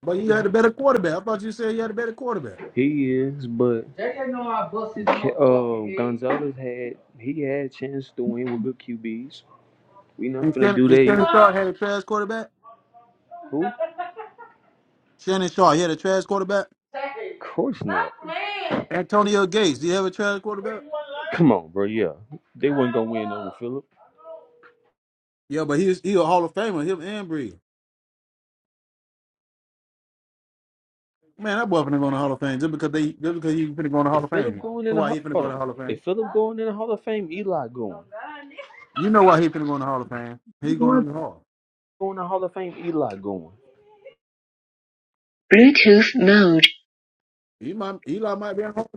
B: but you had a better quarterback. I thought you said you had a better quarterback.
C: He is, but uh, Gonzalez had he had a chance to win with good QBs. We not
B: And
C: finna
B: Shannon,
C: do
B: and Shannon
C: that.
B: Sharp had a trash quarterback.
C: who? Of
B: Shannon Sharp, he had a trash quarterback.
C: course not.
B: Antonio Gates, do you have a trash quarterback?
C: Come on, bro. Yeah, they wasn't gonna win over Philip.
B: Yeah, but he's he was- he a Hall of Famer. Him and Brees. Man, that boy finna go in the Hall of Fame just because they just because he finna go in the
C: If
B: Hall of
C: Philip
B: Fame.
C: going in the
B: Why
C: Ho-
B: he finna go
C: hold on,
B: in the Hall of Fame?
C: if Philip going in the Hall of Fame, Eli going.
B: You know why he finna go in the Hall of Fame? He going in the Hall.
C: Going to Hall of Fame, Eli going.
A: Bluetooth mode.
B: He might, Eli might be in the Hall.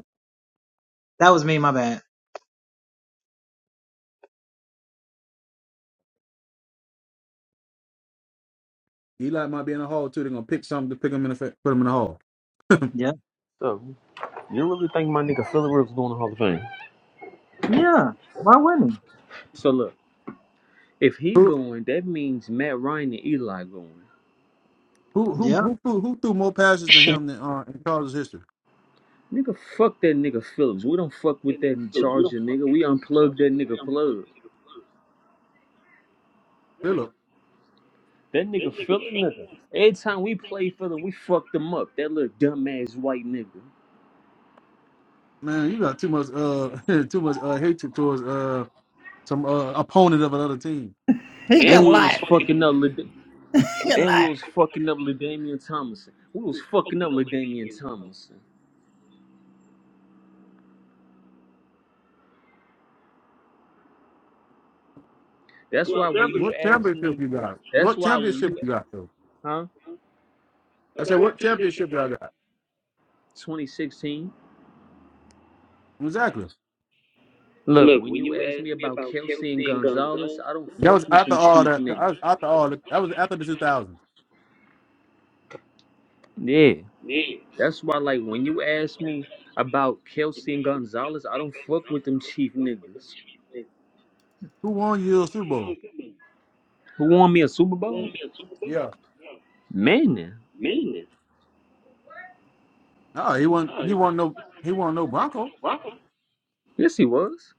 B: Eli might be in the Hall too. They're gonna pick something to pick him in the fa- put him in the Hall.
C: So you really think my nigga Philip Rivers going to Hall of Fame? So look, if he
B: Who
C: going, that means Matt Ryan and Eli going.
B: who who who threw, who threw more passes than
A: Share.
B: him than uh, in Chargers history?
C: Nigga, fuck that nigga Phillips. We don't fuck with that Charger nigga. We unplug that nigga plug.
B: Philip,
C: That nigga Phillips nigga. Every time we play Phillips, we fucked him up. That little dumbass white nigga.
B: man, you got too much uh too much uh hatred towards uh some uh opponent of another team.
C: And we was fucking up. Lad- and we was fucking up Ladainian Thomason. We was fucking up Ladainian Thomason. That's why when you
B: What
C: ask
B: championship
C: me,
B: you got?
C: that's
B: What
C: why when
B: championship
C: you
B: you got though?
C: huh
B: I said, what championship y'all got?
C: 2016.
B: Exactly.
C: Look, when you ask me about Kelsey and Gonzalez, I don't
B: That
C: fuck
B: was
C: with
B: after
C: them
B: all
C: chief
B: that. that
C: niggas.
B: was After all that, that was after the 2000s.
C: Yeah. That's why, like, when you ask me about Kelsey and Gonzalez, I don't fuck with them chief niggas.
B: Who won your Super Bowl?
C: Who won me a Super Bowl?
B: Yeah.
C: Manning.
B: No, he wasn't. He wasn't no. He wasn't no Bronco.
C: Yes, he was.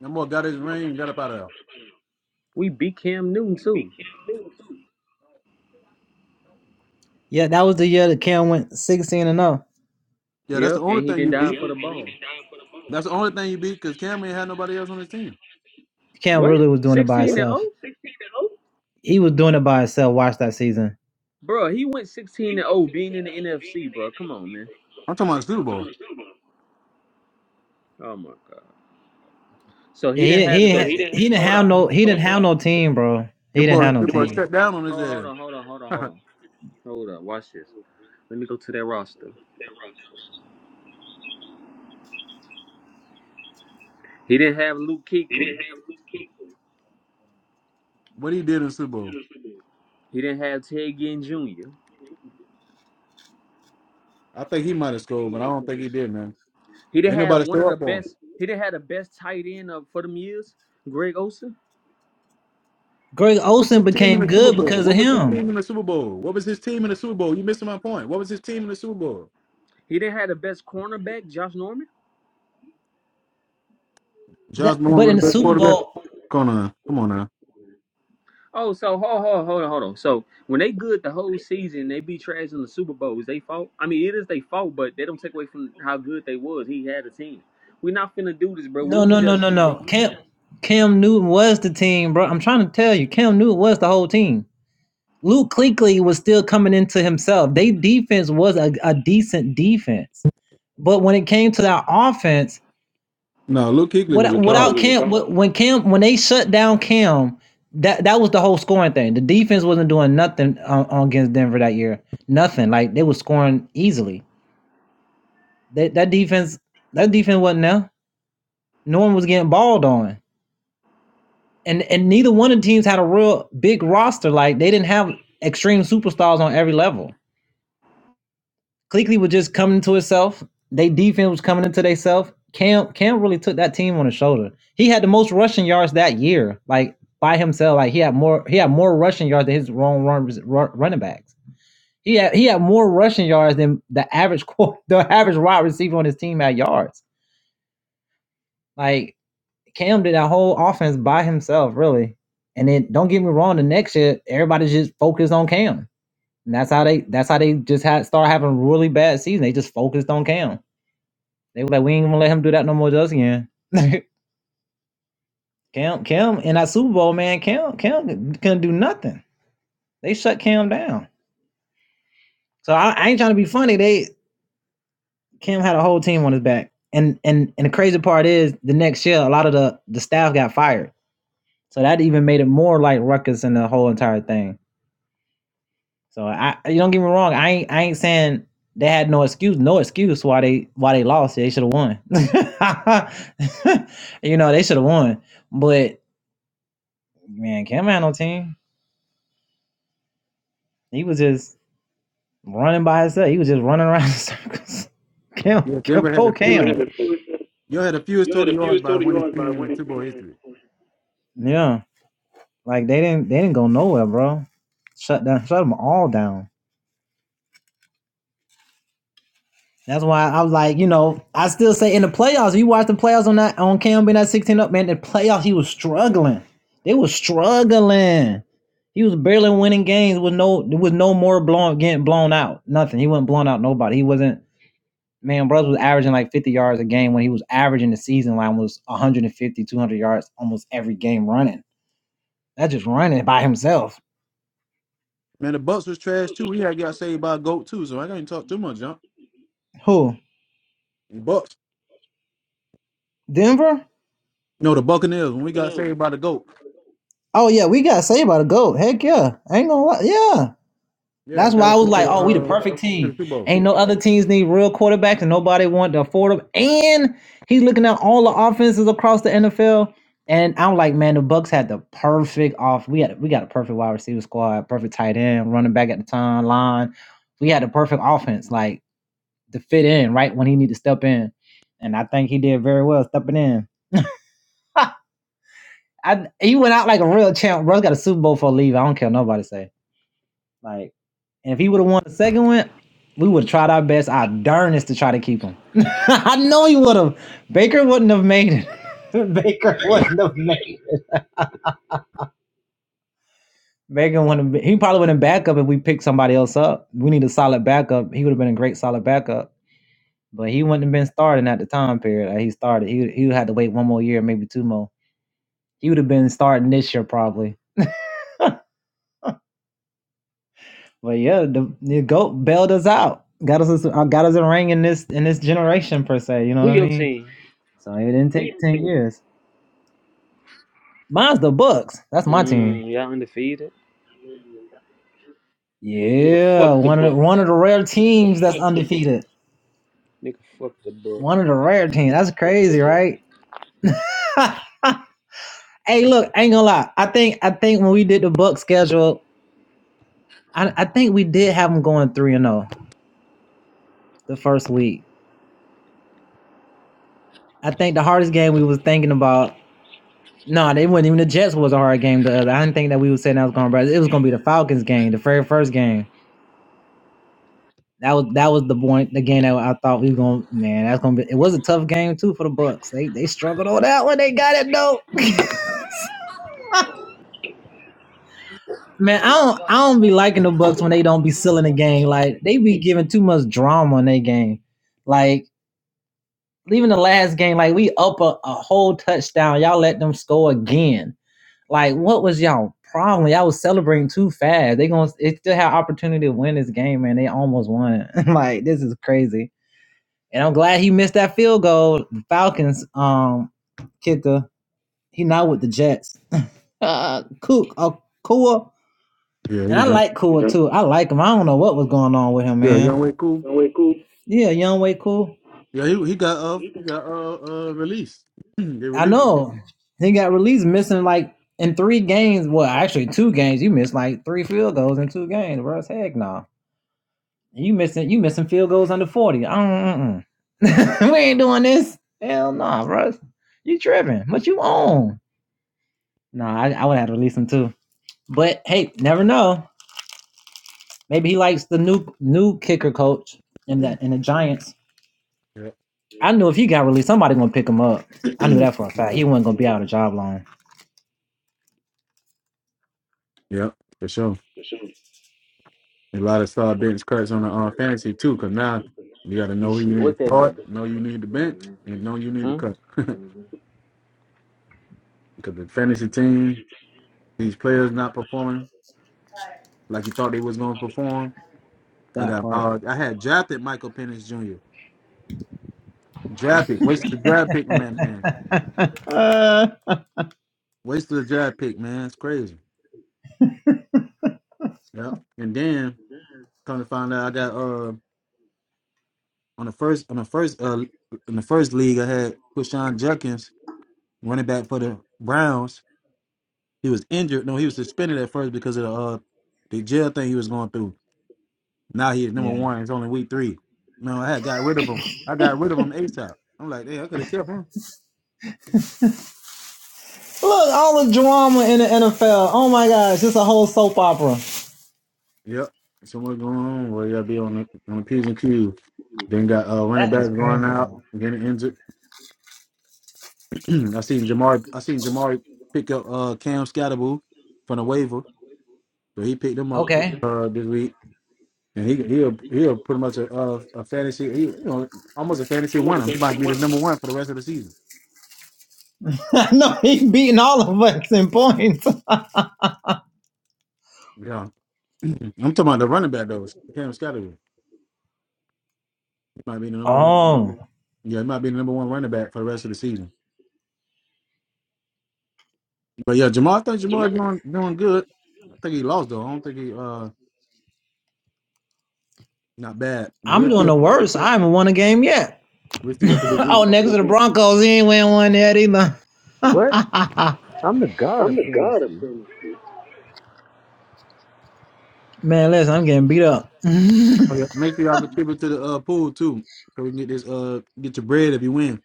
B: That boy got his ring and got up out of there.
C: We beat Cam Newton too.
B: Yeah, that's the
C: Yep,
B: only
C: and he
B: thing
C: didn't
B: you
C: die
B: beat.
C: for the ball.
B: That's the only thing you beat because Cam ain't had nobody else on his team.
C: What? 16 and 0? Bro, he went 16 and 0 being in the NFC, bro. Come on, man.
B: I'm talking about the Super Bowl.
C: Oh my god. So he didn't have the best hold on.
B: Them boy, them boy shut down on his
C: Hold hold
B: ass.
C: on, hold on, hold on, hold on. Hold on. watch this. Let me go to that roster. He didn't have Luke Kuechly.
B: what he did in the Super Bowl.
C: He didn't have Ted Ginn Jr.
B: I think he might have scored, but I don't think he did, man.
C: He didn't
B: Ain't
C: have
B: nobody
C: one of
B: show
C: the
B: up for him.
C: best. He didn't have the best tight end of for them years, Greg Olson.
B: What was his team in the Super Bowl? What was his team in the Super Bowl? What was his team in the Super Bowl? You missing my point. What was his team in the Super Bowl?
C: He didn't have the best cornerback, Josh Norman.
B: Josh Malone with the best quarterback. Gonna come on now.
C: Oh, so hold, hold, hold on, hold on. So when they good the whole season, they be trash in the Super Bowls. They fault. I mean, it is they fault, but they don't take away from how good they was. He had a team. We not finna do this, bro. We was just
B: No, Luke Kuechly was a dog. Yeah, Denver had the fewest. Y'all had the fewest total yards by a winning team in Super Bowl history. Man, the Bucks was trash too. We had got saved by a goat too, so I can't talk too much, jump. Bucks. No, the Buccaneers when we got saved by the goat. Yeah, and got us into the uh to the Super Bowl.
C: who your team? Mm, y'all undefeated. Nigga, fuck the Bucks. Nigga, fuck the Bucks.
B: Yeah, he done. Yeah, young way cool. Yeah, he he got uh he got uh uh released. they released. Yeah. yeah. Yeah, for sure. A lot of star bench cuts on the uh, fantasy too, because now you got to know
C: This
B: who you
C: shit.
B: need to
C: What that
B: start,
C: mean?
B: know you need to bench, and know you need to
C: Hmm?
B: cut. Because the fantasy team, these players not performing like you thought they was going to perform. I got uh, I had drafted Michael Penix Jr. Draft pick, wasted the draft pick on that man. Wasted the draft pick, man. It's crazy. Yeah, and then come to find out, I got uh. on the first on the first uh in the first league I had Kushan Jenkins running back for the Browns. He was injured. No, he was suspended at first because of the uh the jail thing he was going through. Now he is number one. It's only week three. No, I had got rid of him. I got rid of him ASAP. I'm like, hey, I could have kept him. Yep. So what's going on? Well, y'all be on the on the P's and Q's. Then got uh running back going out, getting injured. I seen Jamar I seen Jamar pick up uh Cam Scatterboo from the waiver. So he picked him up uh this week. And he he'll he'll pretty much a a, a fantasy he, you know almost a fantasy winner. He might be the number one for the rest of the season. Yeah, I'm talking about the running back though. Cam Scotty he might be the number one. Yeah, he might be the number one running back for the rest of the season. But yeah, Jamal, I think Jamal doing doing good. I think he lost though. I don't think he uh not bad. But we'll see. We'll see after this week.
C: What? I'm the god of fantasy.
B: Oh, yeah. Make sure y'all contribute to the uh, pool too, so we can get this uh get your bread if you win.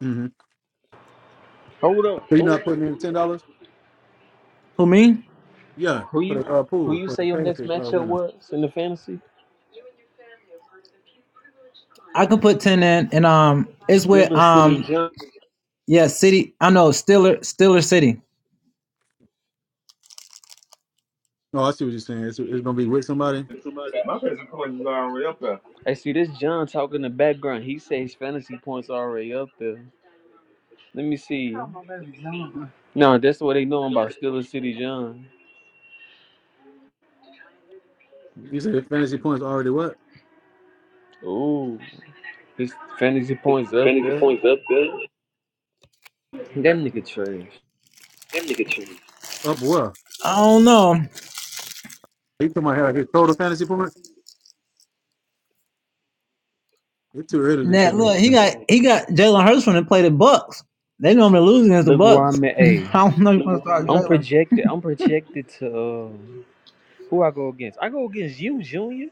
B: hmm
C: Hold on.
B: So you're not putting in ten dollars. Yeah,
C: Who
B: for
C: you
B: the uh,
C: who
B: pool
C: you
B: for
C: say
B: the
C: your next
B: fantasy uh,
C: matchup
B: winner.
C: was in the fantasy? Steelers City John.
B: No, I see what you're saying. It's, it's gonna be with somebody.
C: My fantasy points is already up there. I see this John talking in the background. He says his fantasy points are already up there. Let me see. Oh, my baby John. No, that's what they know about Steelers City John.
B: You said the fantasy points already what
C: Ooh, his fantasy points up there. That nigga trash.
B: up? Well, he took my head. His total fantasy points. It's too early to check anything.
C: Look where I'm at. Hey, I'm projected. I'm projected to uh, who I go against. I go against you, Junior.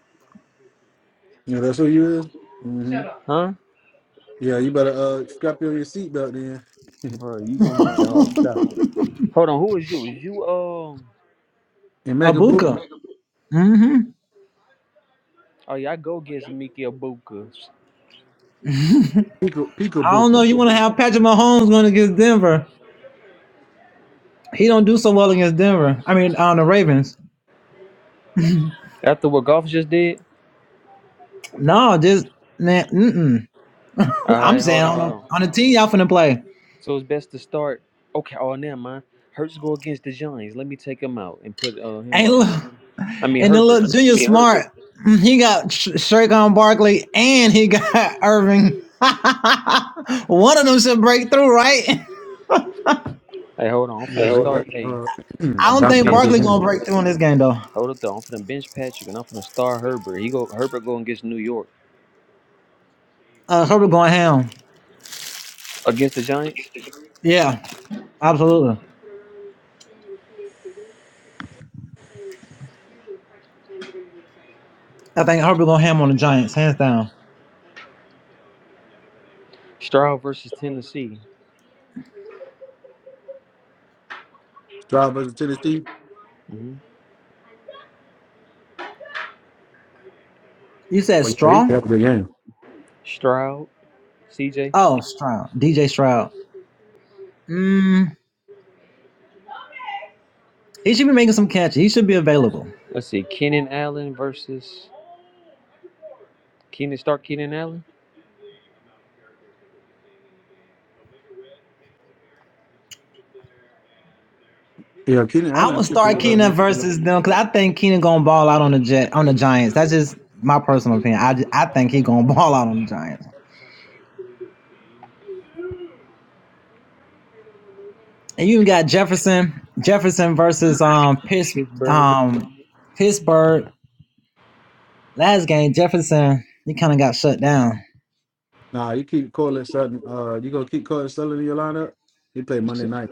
B: You know that's who you is. Mm-hmm.
C: Huh?
B: Yeah, you better uh strap your your seatbelt then
C: Hold on. Who is you? Is you uh?
B: and make a boop,
C: Oh, y'all go get Zamiki Abukas.
B: peek a boop.
C: After what golf just did? Alright, hold on, hold on. So it's best to start. Okay, oh, never mind. Hurts go against the Giants. Let me take him out and put uh, him up. I mean, Herbert. Hey, hold on. I'm
B: Yeah,
C: finna
B: they
C: start.
B: definitely
C: Hey,
B: uh
C: I'm
B: bound
C: finna
B: to have a
C: bench.
B: good game.
C: Hold up, though. I'm finna bench Patrick and I'm finna start Herbert. He go Herbert going against New York. Against the Giants? Stroud versus Tennessee.
B: Stroud versus Tennessee.
C: hmm
B: But yeah, he could have a good game.
C: Stroud, CJ. Let's see. Kenan Allen versus. Kenan, start Kenan Allen?
B: Yeah, Keenan Allen could be. Uh, his-
A: versus um Pitts
C: Pittsburgh.
A: um Pittsburgh last game. Jefferson he kind of got shut down,
B: nah, you keep calling Sutton. Uh, you gonna keep calling Sutton in your lineup? He played Monday night.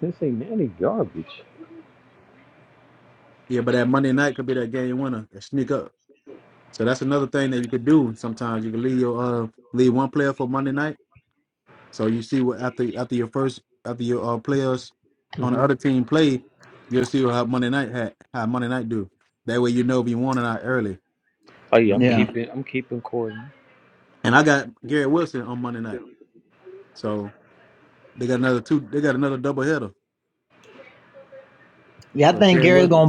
C: This ain't any garbage.
B: Yeah, but that Monday night could be that game winner that sneak up. So that's another thing that you could do. Sometimes you can leave your uh leave one player for Monday night. So you see what after after your first after your uh, players on the
C: hmm
B: other team play, you'll see how Monday night had how Monday night do. That way you know if you won or not early.
C: Oh
B: You
C: yeah,
B: know what
C: I'm
B: I'm saying?
C: keeping. I'm keeping Corden.
B: And I got Garrett Wilson on Monday night, so they got another two. They got another double header. So Garrett Wilson,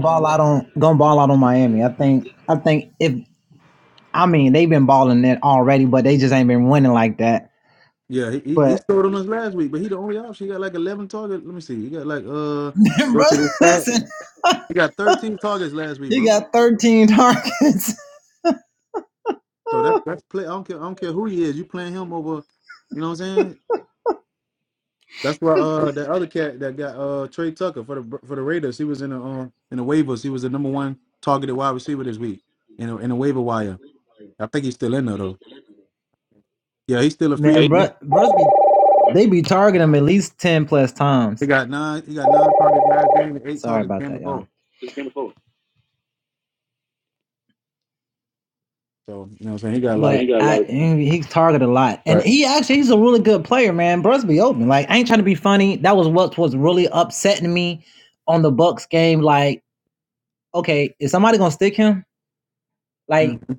B: yeah, he he, he scored on us last week, but he the only option. He got like 11 targets. Let me see, he got like uh. Go to this stat. He got 13 targets last week, bro. So that's that's play. I don't care. I don't care who he is. You playing him over. You know what I'm saying? That's why uh that other cat that got uh Trey Tucker for the for the Raiders. He was in the um in the waivers. He was the number one targeted wide receiver this week in a, in the waiver wire. I think he's still in there though. Yeah, he's still a free agent. He got nine. He got nine targets last game and eight targets the game before. So you know what I'm saying? He got a lot of. But mm,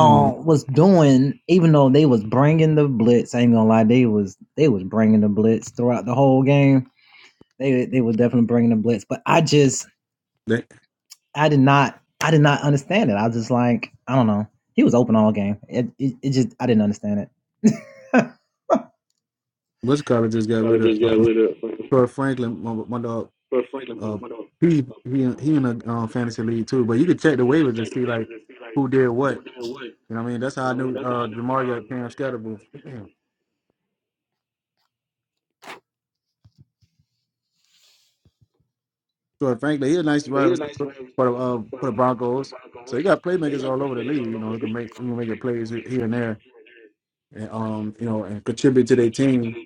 B: mm,
A: even though they was bringing the blitz. I ain't gonna lie, they was they was bringing the blitz throughout the whole game. They they was definitely bringing the blitz, but I just
B: that,
A: I did not I did not understand it. I was just like I don't know. He was open all game. It, it, it just I didn't understand it.
B: what's the college just got rid of uh, Troy Franklin, my, my dog. uh he he he in a uh, fantasy league too. But you could check the waivers to see like who did what. You know what I mean? That's how I knew uh Jamar got Cam Scattable. so frankly, he's a nice wide receiver for the uh for the Broncos. So he got playmakers all over the league. You know, he can make he can make it plays here and there, and um you know and contribute to their team.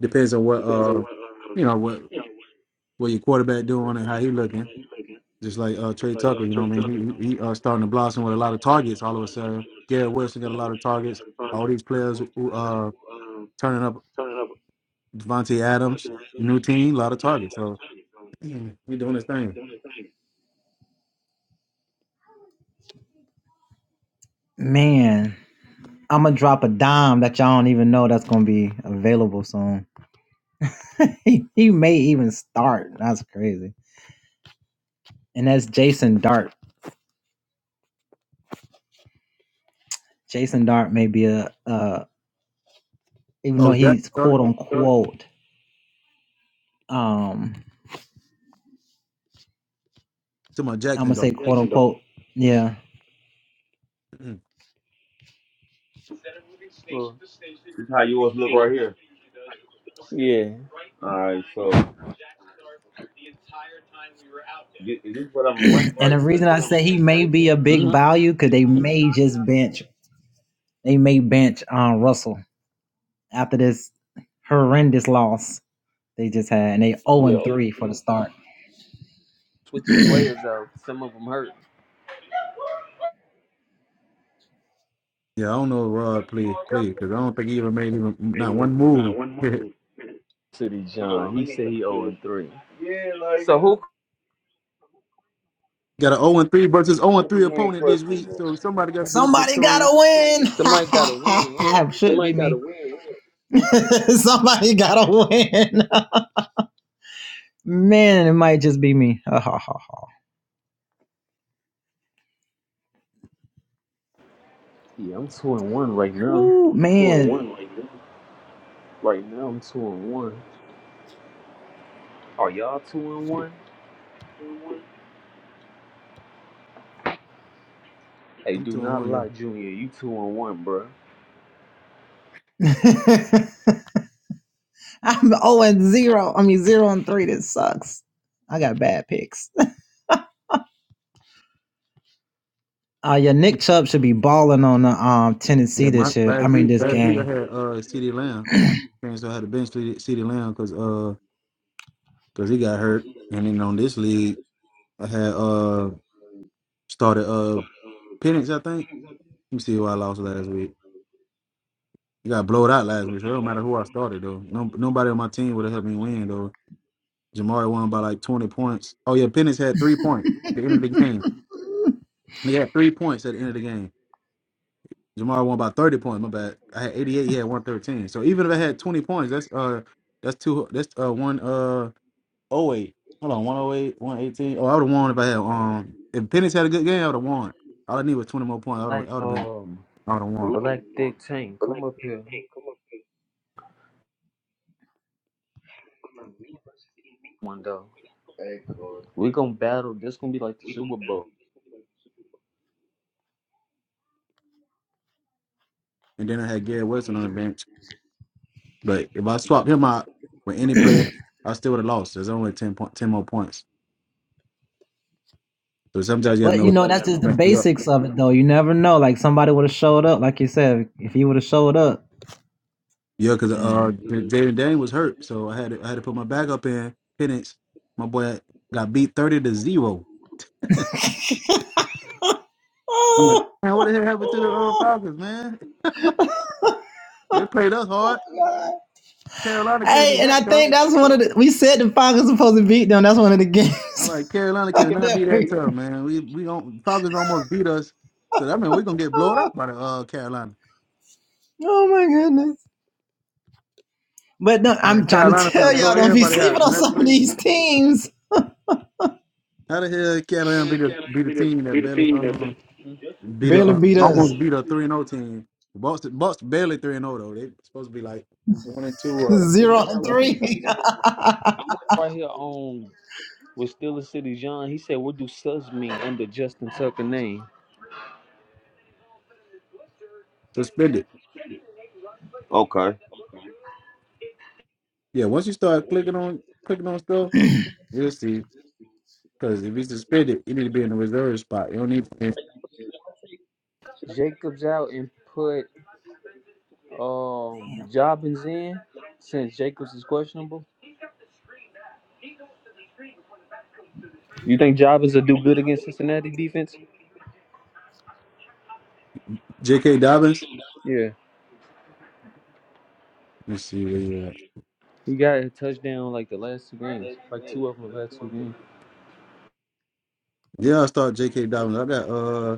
B: Depends on what uh you know what what your quarterback doing and how he looking. Just like uh, Trey Tucker, you know what I mean? He, he, he uh, starting to blossom with a lot of targets all of a sudden. Garrett Wilson got a lot of targets. All these players who, uh, turning up Devontae Adams, new team, a lot of targets. So we doing this thing.
A: Even start that's crazy. And that's Jason Dart. Jason Dart may be a uh even though
B: Oh, Jackson
A: he's
B: Dart?
A: quote unquote um
B: To my
A: I'm
B: Jackson
A: gonna
B: Dart.
A: say Well, yeah.
C: So this is how yours look right here. Yeah. All right, so thi- is this what I'm ranked
A: And
C: right
A: the
C: here?
A: reason I say he may be a big
C: hmm
A: value because they may just bench, they may bench uh, Russell after this horrendous loss they just had, and they 0 and 3 for the start.
C: Switch your players out. Some of them hurt.
B: Yeah, I don't know if Rod played played because I don't think he even made even not one move. got
C: City John. He said he 0 and three. Yeah, like So who?
B: an 0 and 3 versus 0 and
C: what you
B: 3
C: mean
B: opponent this week,
C: questionable?
B: so somebody got to be victorious.
C: Somebody got to win. Yeah.
A: Shit,
C: Yeah, I'm two and one right now. Right now I'm two and one. Are y'all two and one? Hey,
B: I'm
C: do
B: 2 and
C: not lie,
B: 1,
C: Junior. You two and one, bro.
B: yeah. Yeah, my last week, last week I had uh CD Lamb. Prince though had to bench Ceedee Lamb because uh because he got hurt, and then on this league I had uh started uh Penix I think. Let me see who I lost last week. You got blowed out last week, so it don't matter who I started though. No, nobody on my team would have helped me win though. Jamari won by like twenty points. Oh yeah, Penix had three points at the end of the game. He had three points at the end of the game. Jamari won by thirty points. My bad. I had eighty eight. He had one thirteen. So even if I had twenty points, that's uh that's two that's uh one uh Oh wait, hold on, 108, 118. Oh, I would have won if I had um if Penix had a good game, I would have won. All I need was 20 more points. I would
C: Like,
B: have been
C: um.
B: I would have won.
C: Black Dick Tank, come up here. One though. Hey, Corey. We gonna battle. This gonna be like the Super Bowl.
B: And then I had Garrett Wilson on the bench. But if I swapped him out with any player, I still would have lost. There's only 10 point, 10 more points. So sometimes you got to know what mess you up. Yeah, because uh, J- Jaden Dane was hurt, so I had to, I had to put my back up in Penix. My boy got beat 30 to zero. I'm like, Man, what the hell happened to the uh, Falcons, man? They played us hard. Carolina can't be that, All right, Carolina can not be that tough, man. We we don't Falcons almost beat us, so that means we're gonna get blown out by the uh, Carolina. Man, Carolina finna blow everybody out. Man, that's crazy. How the hell Carolina be the be the team that barely um beat the uh, almost beat a three and zero team? Boston Boston barely three and zero though. They supposed to be like one and two uh one-
C: Right here on with Steeler City John, he said, What do sus mean under Justin Tucker name?
B: suspended. Yeah, once you start clicking on clicking on stuff, you'll see. Because if he's suspended, you need to be in the reserve spot. You don't need
C: Jacobs out and put um Jobbins in since Jacobs is questionable. You think Jobbins will do good against Cincinnati defense?
B: J.K. Dobbins.
C: Yeah.
B: Let's see.
C: He got a touchdown like the last two games, like two of them the last two games.
B: Yeah, I start J.K. Dobbins. I got uh,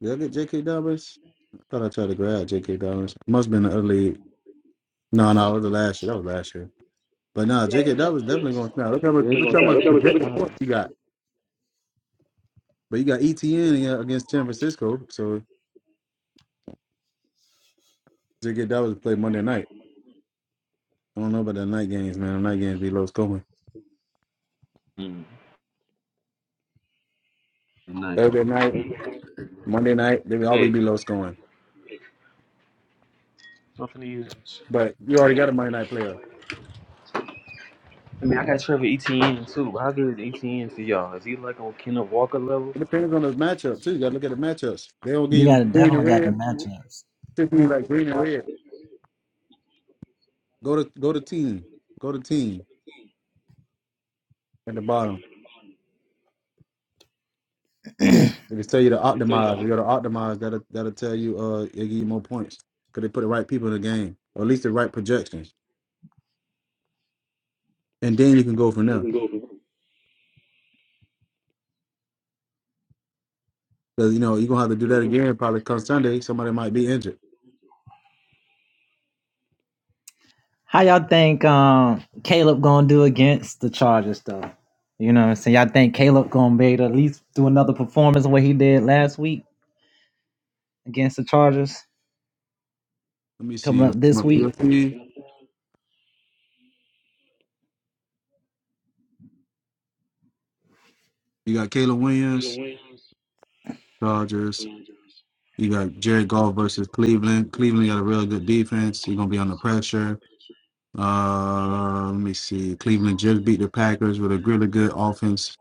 B: did I get J.K. Dobbins? I thought I tried to grab J.K. Dobbins. Must have been the early. No, no, it was the last year. That was last year. But nah, J.K. Dobbins definitely going to snap. Look how much,
C: Yeah,
B: look
C: he
B: how
C: did
B: much projected points he got. But you got ETN in- against San Francisco, so J.K. Dobbins play Monday night. I don't know about the night games, man. The night games be low scoring.
C: Mm, Nice.
B: Thursday night, Monday night, they will always
C: Hey,
B: be low scoring. But you already got a Monday night player.
C: I mean, I got Trevor Etienne too. How good is Etienne to y'all? Is he like on Kenneth Walker level?
B: It depends on the matchup too. You got to look at the matchups. They don't give you green and red. Typically, like green and red. Go to go to team. Go to team at the bottom, and then if it tell you to optimize, you go to optimize. That'll that'll tell you uh it'll give you more points because they put the right people in the game, or at least the right projections, and then you can go from there. Because you know you're gonna have to do that again probably come Sunday. Somebody might be injured.
A: You
B: Let me see my field team. You got Caleb Williams, Chargers. You got Jared Goff versus Cleveland. Cleveland got a really good defense. You're gonna be under pressure. Uh, let me see. Cleveland just beat the Packers with a really good offense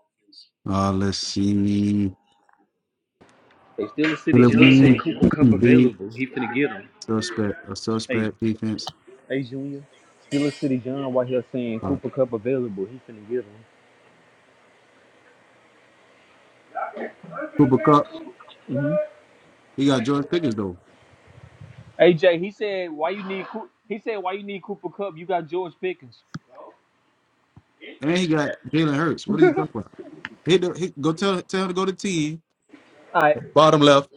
B: Uh, let's see.
C: Hey, Steelers City
B: Philip
C: John said
B: Wynn,
C: Cooper Cup
B: big
C: available. He finna get him.
B: suspect, a
C: Hey,
B: suspect defense.
C: hey Junior. Steelers City John, why he was saying
B: Uh,
C: Cooper Cup available, he finna get him.
B: Cooper Cup.
C: hmm
B: He got George Pickens though,
C: Hey Jay, he said why you need Coo- he said why you need Cooper Cup? You got George Pickens.
B: and he got Jalen Hurts. What are you talking about? He, do- he go tell tell him to go to team
C: All right,
B: bottom left.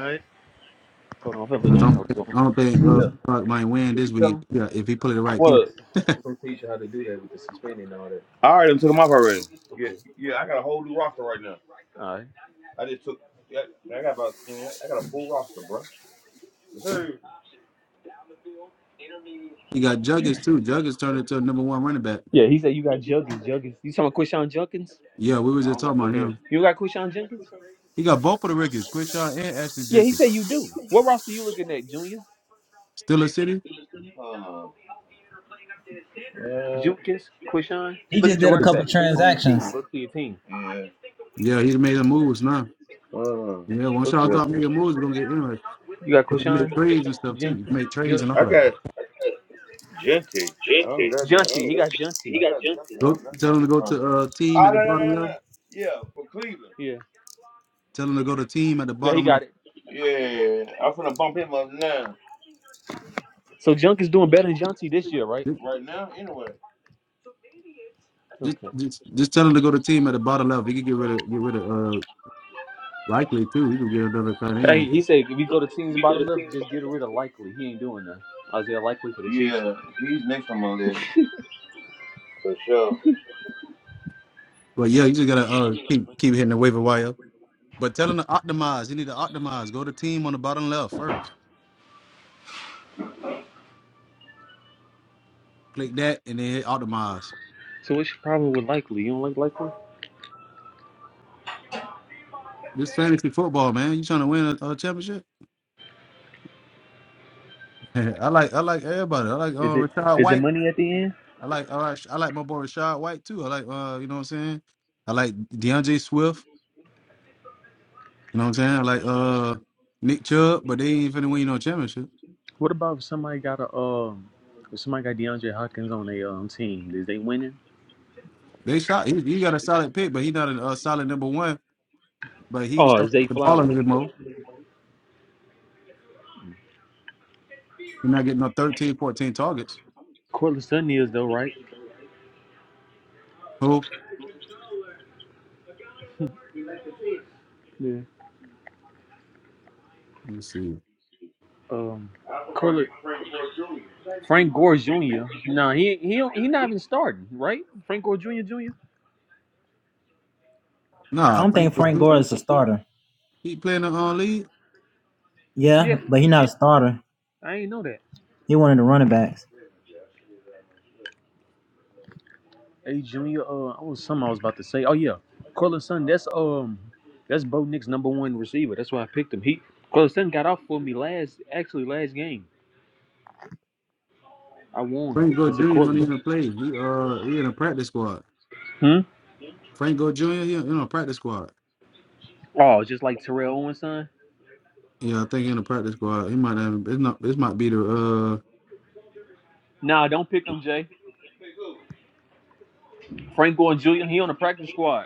C: all right. Hold on, I'm gonna
B: 'Cause I
C: let you
B: don't,
C: talk
B: think-
C: to him.
B: I don't think uh Clark might win this
C: Yeah.
B: week. Yeah, if he put the right people.
C: Well, I'm gonna teach you how to do that with the suspending and all that. Yeah, yeah, I got a whole new roster right now. All right. I just took. Yeah, I got about. yeah, I got a full roster, bro. Yes, sir.
B: He got Juggins too. Juggins turned into a number one running back.
C: yeah, he said you got Juggins. Juggins. You talking about Quishon Junkins?
B: Yeah, we was
C: I
B: just
C: don't got
B: talking
C: Jenkins.
B: about
C: Yeah.
B: him.
C: You got Quishon Jenkins?
B: He got both of the Rickets, Quishaw and Ashton
C: Yeah, he said
B: Jennings.
C: you do. What roster you looking at, Junior?
B: Still a city.
C: Uh, yeah, Jukis, Quishon? Look at your running back on your team. Look to your team. yeah.
B: Yeah, he made some moves now.
C: Uh,
B: Yeah, once y'all
C: okay.
B: start making moves, it's gonna get interesting.
C: You got
B: But you can make
C: Quishon
B: trades and stuff too. You can
C: Jenkins?
B: make trades
C: Ju-
B: and all
C: I
B: that.
C: got. Junty. I don't got Junty. Junty, he got Junty. I got Junty. I
B: Go
C: don't got
B: tell
C: no
B: them to
C: good
B: go
C: one.
B: to uh team
C: Ah,
B: at the
C: no, no,
B: bottom
C: no, no, no.
B: left.
C: Yeah, for Cleveland. Yeah,
B: Tell them to go to team at the
C: yeah, he
B: bottom
C: got
B: left.
C: it. Yeah, I'm finna bump him up now. So Junk is doing better than Junty this year, right?
B: Just
C: Right now, anyway.
B: just
C: Okay.
B: just, just tell them to go to team at the bottom left. He can get rid of get rid of uh likely too. He can get another tight
C: Hey,
B: end.
C: he said if you go to teams bottom left, just get rid of Likely. He ain't doing that. Isaiah Likely for the Chiefs. Yeah, he's next on my list for sure.
B: But yeah, you just gotta uh keep keep hitting the waiver wire. But tell them to optimize. You need to optimize. Go to team on the bottom left first. Click that and then hit optimize.
C: So what's your problem with Likely? You don't like Likely?
B: This fantasy football, man. You trying to win a, a championship? I like I like everybody. I like
C: Is
B: uh,
C: it
B: Rashad
C: is it
B: White.
C: money at the end?
B: I like all right. I like my boy Rashad White too. I like uh, you know what I'm saying. I like DeAndre Swift. You know what I'm saying. I like uh Nick Chubb, but they ain't finna win no championship.
C: What about if somebody got a um if somebody got DeAndre Hopkins on their um team? Is they winning?
B: They shot. He, he got a solid pick, but he not a uh, solid number one. But he
C: Oh, is
B: started
C: they
B: the ball a
C: flowers?
B: little more. He not getting no 13, 14 targets.
C: Cortland Sutton is though, right?
B: Who?
C: Yeah.
B: Let me see.
C: Um Cortland, Frank Gore Jr. No, nah, he he don't- he not even starting, right? Frank Gore Jr. Jr.
B: Nah, Frank. He playing the uh league.
C: Yeah, I ain't know that. Hey Junior, uh, I was something I was about to say. Oh yeah, Cortland Sutton. That's um, that's Bo Nick's number one receiver. That's why I picked him. He Cortland Sutton got off for me last, actually last game. I won
B: Franco
C: because of
B: Jr. don't
C: Cortland.
B: even play. He uh he in a practice squad.
C: Hmm.
B: Franco Jr. He in a practice squad.
C: Oh, just like Terrell Owens' son?
B: Yeah, I think he in a practice squad. He might have. It's not. This might be the uh.
C: Nah, don't pick him, Jay. Frank Gore Jr., he on the practice squad.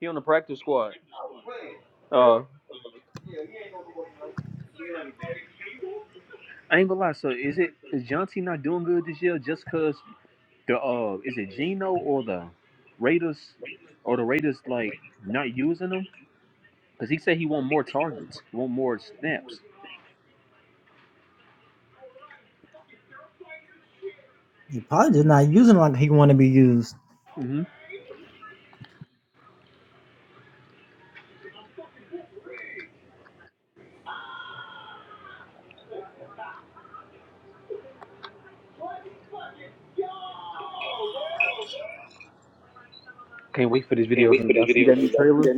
C: He on the practice squad. Uh, I ain't gonna lie, so is it is John T not doing good this year just cause the uh is it Geno or the Raiders or the Raiders like not using him? Cause he said he want more targets, want more snaps. hmm Can't wait for this video. dude. Y'all see that new trailer?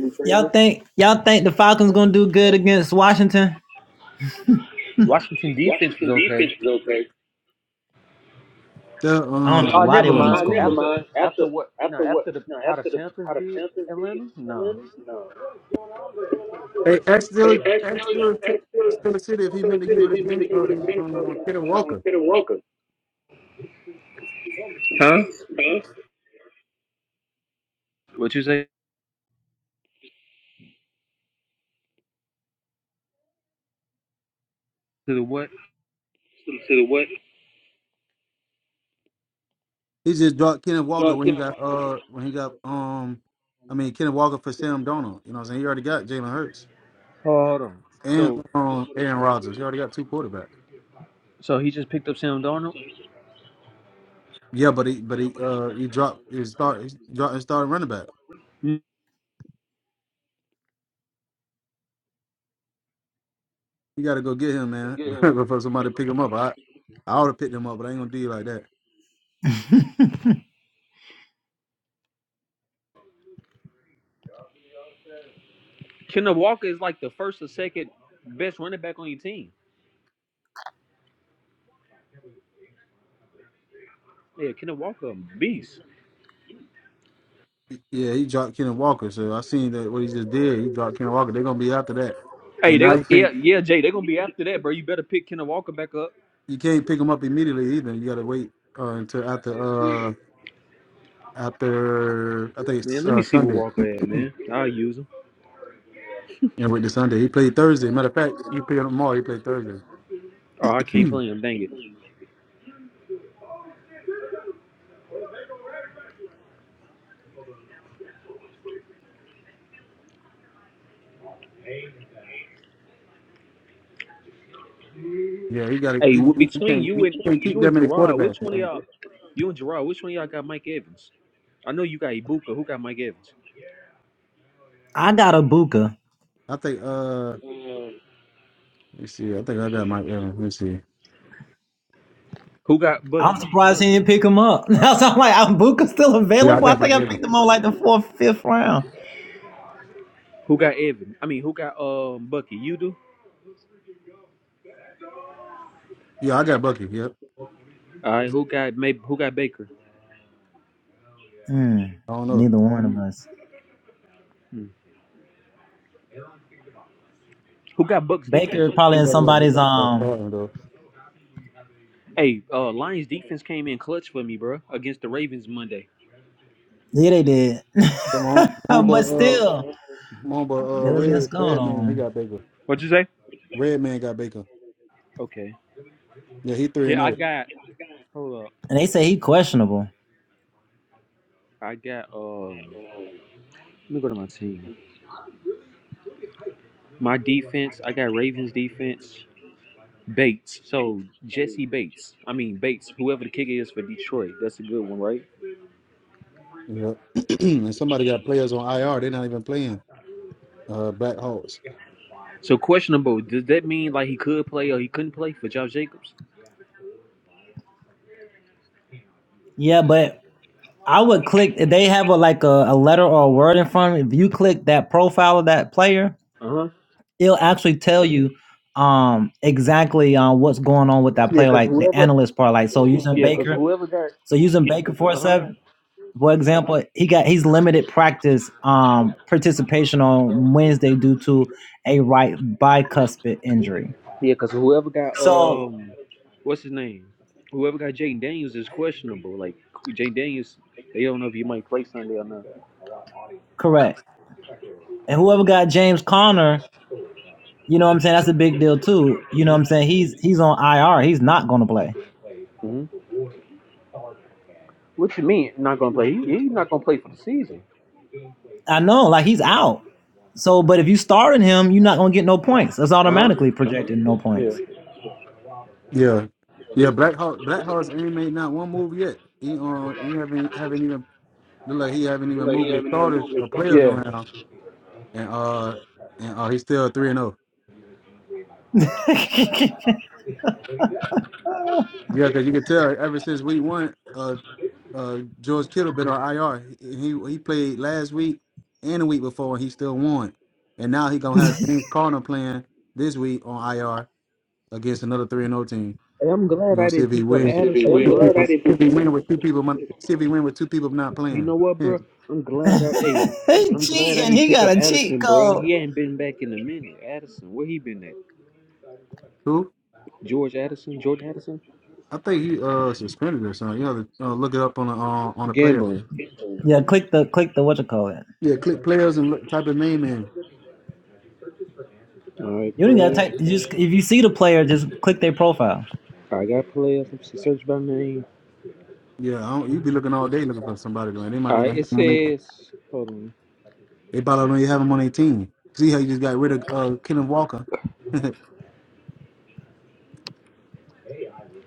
C: Washington defense was okay.
B: The um,
C: Oh, never mind. After after what? No, after the how the Panthers did Atlanta. No.
B: they asked still asked still still city if he meant to give it again. Ken, uh, um, Kenneth Walker.
C: Huh? What you say to the what?
B: He just dropped Kenneth Walker when he got uh when he got um, I mean Kenneth Walker for Sam Donald. You know what I'm saying? He already got Jalen Hurts
C: Oh, Hold on.
B: and
C: So
B: um Aaron Rodgers. He already got two quarterbacks.
C: so he just picked up Sam Darnold.
B: Yeah, but he but he uh he dropped his start his dropped his starting running back.
C: Mm.
B: You got to go get him, man, before somebody pick him up. I I would have picked him up, but I ain't gonna do you like that.
C: Kenneth Walker is like the first or second best running back on your team. Yeah, Kenneth Walker, a beast.
B: Yeah, he dropped Kenneth Walker. So I seen that what he just did. He dropped Kenneth Walker. They're gonna be after that,
C: Hey,
B: and
C: they
B: now
C: go,
B: you
C: yeah
B: can't
C: yeah Jay, they're gonna be after that, bro. You better pick Kenneth Walker back up.
B: you can't pick him up immediately either. You gotta wait uh, until after uh after I think it's
C: Man, let me
B: uh,
C: see what
B: Sunday.
C: Walker at, man. I'll use him.
B: Yeah, with the Sunday he played Thursday. Matter of fact, you played him tomorrow. He played Thursday.
C: Oh, I can't play
B: yeah,
C: him. Dang it.
B: he got to
C: Hey,
B: he, he
C: w-
B: he
C: between
B: can't
C: you
B: he
C: and
B: can't keep
C: you
B: that
C: and
B: many
C: Gerard,
B: quarterbacks.
C: which one of
B: Man.
C: y'all? You and Gerard, which one of y'all got Mike Evans? I know you got Ibuka. Who got Mike Evans?
B: I think uh let me see. I think I got Mike Evans. Let me see.
C: Who got Bucky?
B: Yeah, I got Mike Evans.
C: Who got Evan? I mean, who got um Bucky? You do?
B: Yeah, I got Bucky. Yep.
C: All right, who got maybe who got Baker?
A: know,
B: I don't know.
A: neither one of us.
C: Hmm. Who got Bucks defense?
B: You better get a big uh, starting though.
C: Hey, uh, Lions defense came in clutch for me, bro, against the Ravens Monday.
B: So my home- homeboy uh, Come
C: Mhm.
B: on, but uh, Red Red Man, he got Baker.
C: What'd you say?
B: Red Man got Baker.
C: Okay.
B: Yeah, he three and
C: Yeah, I
B: zero.
C: got. Hold up. I got. Um. Let me go to my team. My defense. I got Ravens defense. Bates. So Jesse Bates. I mean Bates. Whoever the kicker is for Detroit. That's a good one, right?
B: Yeah, and somebody got players on IR. They're not even playing. Uh, Black Hawks.
C: So questionable. Does that mean like he could play or he couldn't play for Josh Jacobs? Uh huh. Yeah, cause whoever. Yeah, cause whoever got. Uh huh. Yeah, because whoever got um, what's his name? Whoever got Jay Daniels is questionable. Like Jay Daniels, they don't know if he might play Sunday or not. hmm hmm What you mean not gonna play? He, he's not gonna play for the season. Uh huh. Yeah.
B: Yeah, yeah. Black Hawk. Black Hawks ain't made not one move yet. He uh, he haven't haven't even look like he haven't even moved his starters or players
C: Yeah.
B: around. And uh, and uh, he's still three and zero. Yeah, because you can tell ever since week one, uh, uh, George Kittle been on IR. He he played last week and the week before, and he still won. And now he gonna have James Connor playing this week on IR against another three and O team.
C: Hey, I'm
B: You are
C: glad I
B: gonna see if
C: didn't
B: he
C: pick up
B: wins.
C: Addison,
B: Two
C: bro.
B: people,
C: It's
B: if he win with two people. mon- See if he win with two people not
C: you
B: playing.
C: know what,
B: Yeah.
C: bro? I'm glad I hey, I'm glad I ain't pick up Addison, bro. He ain't been back in a minute. Addison, where he been at?
B: Who?
C: George Addison, Jordan Addison,
B: I think he uh suspended or something. You know, uh, look it up on the uh, on the player.
C: gambling.
B: Yeah, click players and look, type the name in.
C: All right, player. I got players. Let me see, search by name.
B: Yeah, I don't, you be looking all day looking for somebody, man. They might
C: All
B: even
C: right, it
B: have them on their
C: says, hold on.
B: They probably don't even have him on their team. See how you just got rid of uh, Kenneth Walker. and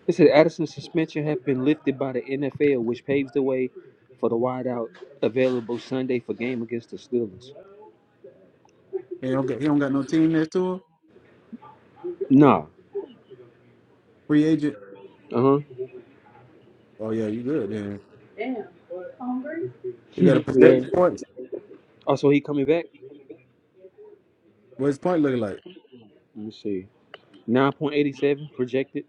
C: It says Addison's suspension has been lifted by the NFL, which paves the way for the wideout available Sunday for game against the Steelers.
B: he don't, got, he don't got no team next to him.
C: Nah.
B: Free agent.
C: Uh huh.
B: Oh yeah, you good then. You got to
C: yeah.
B: protect the points.
C: Also, he coming back.
B: What's his point looking like?
C: Let me see. Nine point eighty seven projected.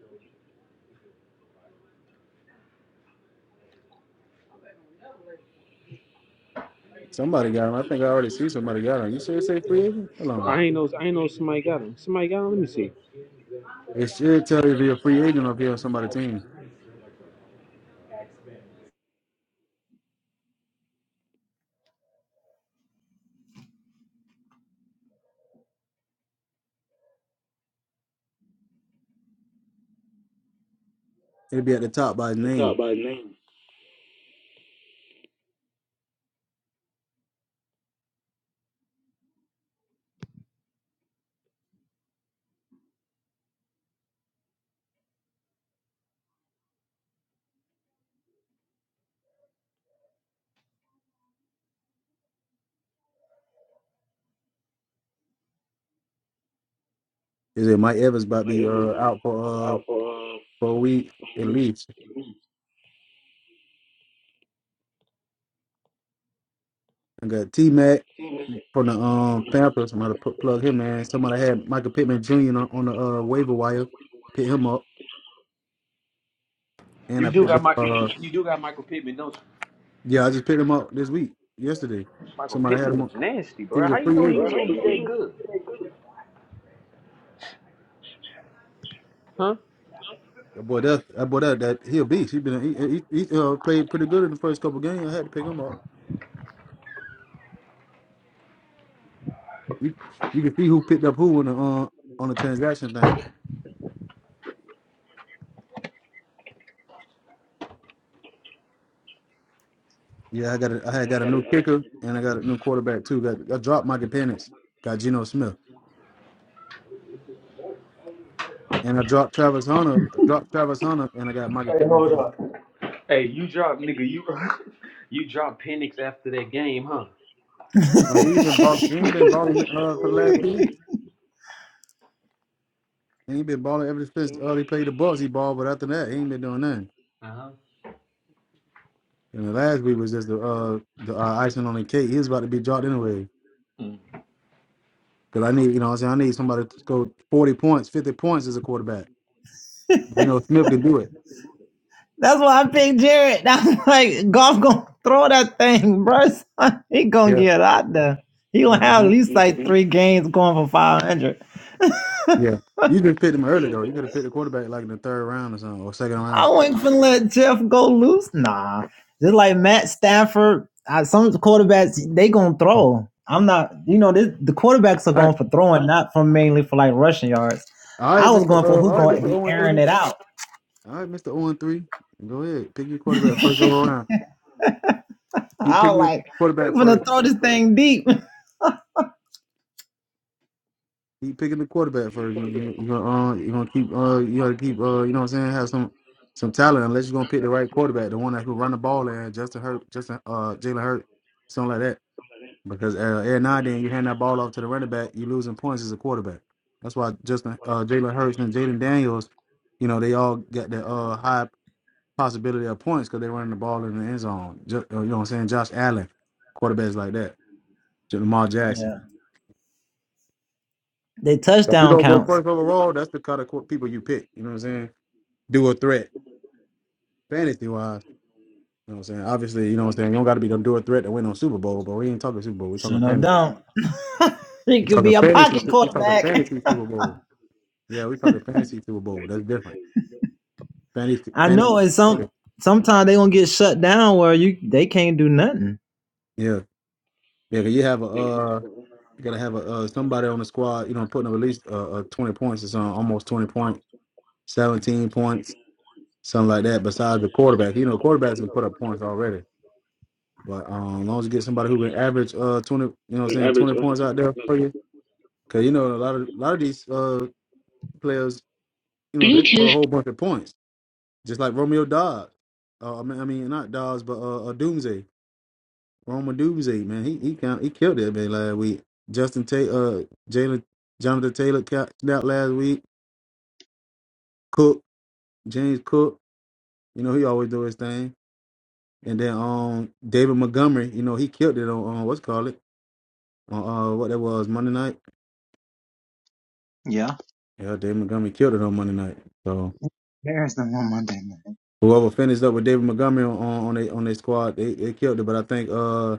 B: Somebody got him. I think I already see somebody got him. You sure it say free agent? Hold on.
C: I ain't know. I ain't know somebody got him. Somebody got him. Let me see.
B: It should tell you if you're a free agent up here on somebody's team. It'll be at the top by his name. Is it Mike Evans about to be uh, out for uh for a week at least? I got T Mac. from the um Panthers. Somebody put, plug him in. Somebody had Michael Pittman Jr. on, on the uh, waiver wire. Pick him up, and
C: You
B: I
C: do
B: picked
C: got
B: up.
C: Mike.
B: Uh,
C: You do got Michael Pittman. No,
B: yeah, I just picked him up this week, yesterday.
C: Michael
B: Somebody had
C: Pittman
B: him. On.
C: is nasty,
B: He
C: bro.
B: was a
C: How you
B: free
C: know he
B: agent.
C: was gonna be that good? Huh?
B: That boy, that that boy, that, that he a beast. He been he, he, he uh, played pretty good in the first couple games. I had to pick him up. You, you can see who picked up who on the uh, on the transaction thing. Yeah, I got a, I had got a new kicker and I got a new quarterback too. Got I dropped Michael Penix. Got Geno Smith. And I dropped Travis Hunter. I dropped Travis Hunter, and I got Michael Pittman. Jr.
C: Hey, you dropped nigga, you you dropped Penix after that game, huh?
B: But he's been balling. He ain't been balling uh, for the last few weeks. He ain't been balling ever since uh, he played the Bucks. He balled, but after that, he ain't been doing nothing.
C: Uh-huh.
B: And the last week was just the uh, the uh, icing on the cake. He was about to be dropped anyway. Because I need, you know, what I'm saying I need somebody to score 40 points, 50 points as a quarterback. You know, Smith could do it. Yeah. hmm
A: Three
B: Yeah. You could have picked him early though. You could have picked a quarterback like in the third round or something, or second round. All right. All right, Mr. Uh, all right,
A: going
B: Mr.
A: to be
B: 0 and 3. All right, Mr. 0 and 3. Go ahead. Pick your quarterback first go around. Keep picking your quarterback first. Keep picking the quarterback first. You, you, you gonna, uh, you gonna keep uh you gotta keep uh you know what I'm saying, have some some talent unless you're gonna pick the right quarterback, the one that can run the ball and Justin Hurt Justin uh Jalen Hurt, something like that. Because uh, every now and then you hand that ball off to the running back, you are losing points as a quarterback. That's why Justin uh Jalen Hurts and Jaden Daniels, you know, they all got the uh high possibility of points because they running the ball in the end zone. Ju- uh, You know what I'm saying? Josh Allen, quarterbacks like that. Lamar Jackson. So If you don't go first overall, that's the kind of qu- people you pick. You know what I'm saying? Do a threat, fantasy wise. You know what I'm saying? Obviously, you know what I'm saying. You don't got to be gonna do a threat to win on Super Bowl, but we ain't talking Super Bowl. We talking fantasy. We talking fantasy. We talking
A: back.
B: fantasy Super Bowl. Yeah, we talking fantasy Super Bowl. That's different. Fantasy,
A: I
B: fantasy.
A: know, and
B: Yeah,
A: some sometimes they gonna get shut down where you they can't do nothing.
B: yeah. 'cause You have a uh, you gotta have a uh, somebody on the squad. You know, putting up at least uh, uh 20 points or something, almost 20 point. 17 points, something like that, besides the quarterback. You know, quarterbacks can put up points already. But um, as long as you get somebody who can average uh 20, you know what I'm saying, 20 points out there for you. Cause you know, a lot of a lot of these uh players, you know, they put a
A: Bluetooth
B: whole bunch of points. Just like Romeo Dobbs. Uh, I mean I mean not Dobbs, but uh, uh Doomsday. Roma Doomsday, man. He he count, he killed that man last week. Justin Tate uh Jalen Jonathan Taylor ca- snapped last week. Cook, James Cook, you know, he always do his thing. And then um David Montgomery, you know, he killed it on, on what's it called it on uh what that was Monday night. Yeah, David Montgomery killed it on Monday night. So whoever finished up with David Montgomery on on their on their squad, they, they killed it. But I think uh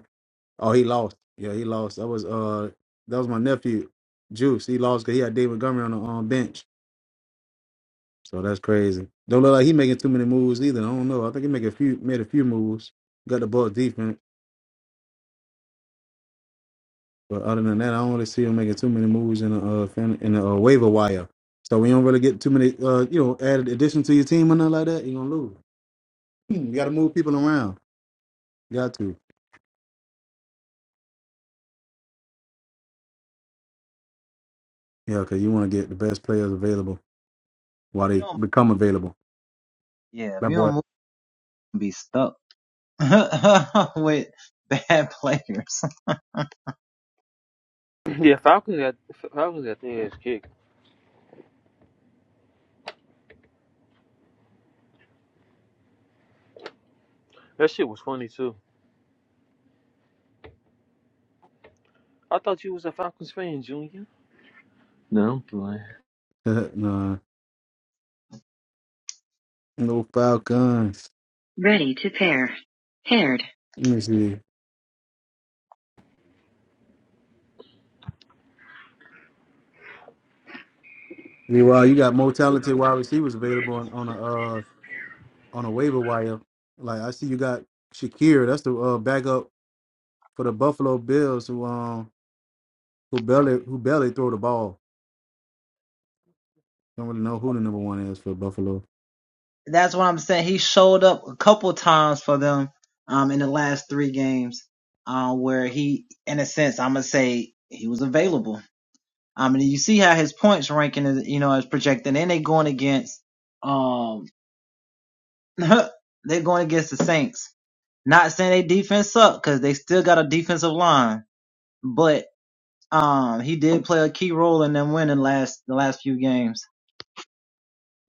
B: oh he lost. Yeah, he lost. That was uh that was my nephew Juice. He lost because he had David Montgomery on the um, bench. So that's crazy. Don't look like he making too many moves either. I don't know. I think he make a few made a few moves. Got the ball defense. But other than that, I don't really see him making too many moves in a uh, fan, in a uh, waiver wire. So we don't really get too many, uh, you know, added addition to your team or nothing like that. You're gonna lose. Hmm, You got to move people around. You got to, yeah, because you want to get the best players available while they become available. That boy,
C: Yeah, Falcons got Falcons got their ass kicked. That shit was funny too. I thought you was a Falcons fan, Junior. No, I'm playing.
B: nah, no Falcons.
A: ready to pair, paired,
B: Let me see. Meanwhile, you got more talented wide receivers available on, on a uh, on a waiver wire. Like I see, you got Shakir. That's the uh, backup for the Buffalo Bills. Who um who barely who barely throw the ball. Don't really know who the number one is for Buffalo.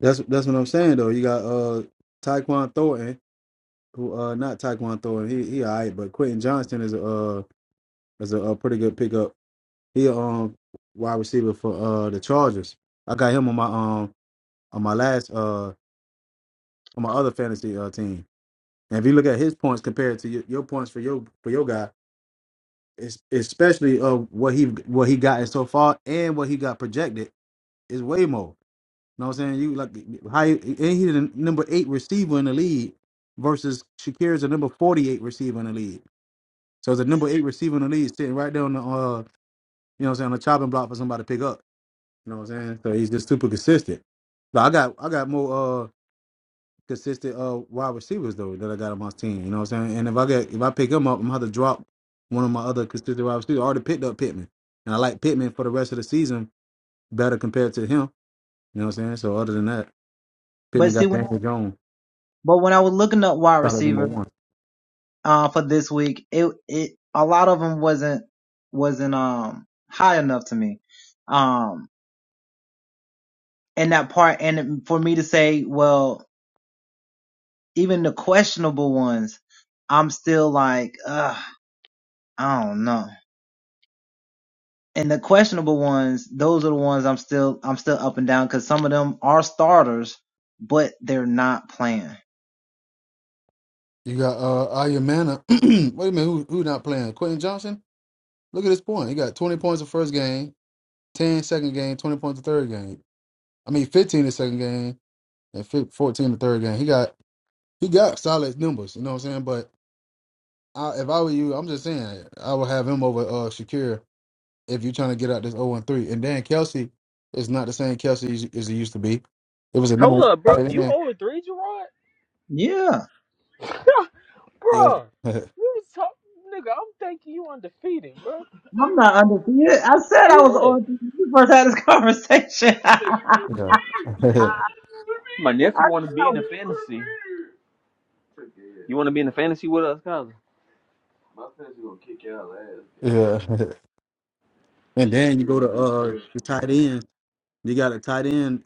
B: That's that's what I'm saying though. You got uh Tyquan Thornton, who uh not Tyquan Thornton, he he alright, but Quentin Johnston is a uh is a, a pretty good pickup. He um wide receiver for uh the Chargers. I got him on my um on my last uh on my other fantasy uh team. And if you look at his points compared to your, your points for your for your guy, it's especially uh what he what he got in so far and what he got projected is way more. know what I'm saying? You like high and he's the number eight receiver in the league versus Shakir is the number forty eight receiver in the league. So it's a number eight receiver in the league sitting right there on the uh you know what I'm saying on the chopping block for somebody to pick up. You know what I'm saying? So he's just super consistent. So I got I got more uh consistent uh wide receivers though that I got on my team. You know what I'm saying? And if I get if I pick him up, I'm gonna have to drop one of my other consistent wide receivers. I already picked up Pittman. And I like Pittman for the rest of the season better compared to him. You know what I'm saying? So other than that, Pittman got Daniel Jones. Solid number one. You got uh Ayamana. Wait a minute, who who not playing? Quentin Johnson? Look at his point. He got 20 points the first game, 10 second game, 20 points the third game. I mean 15 the second game and fif- 14 the third game. He got he got solid numbers, you know what I'm saying? But I, if I were you, I'm just saying I would have him over uh Shakir if you're trying to get out this 0 and 3. And then Kelsey is not the same Kelsey as as he used to be. It was a number
C: Hold
B: one
C: up, bro.
B: tight
C: You
B: end.
C: over three, Gerard?
B: Yeah.
C: bro, you was talking, nigga. I'm thinking, bro. Yeah.
B: yeah.
C: My nephew want to be in the fantasy. You want to be in the fantasy with us, Kyler? My fantasy gonna kick your ass.
B: yeah. And
C: Shit,
B: then you go
C: gonna
B: to uh
C: be
B: the tight end. You got a tight end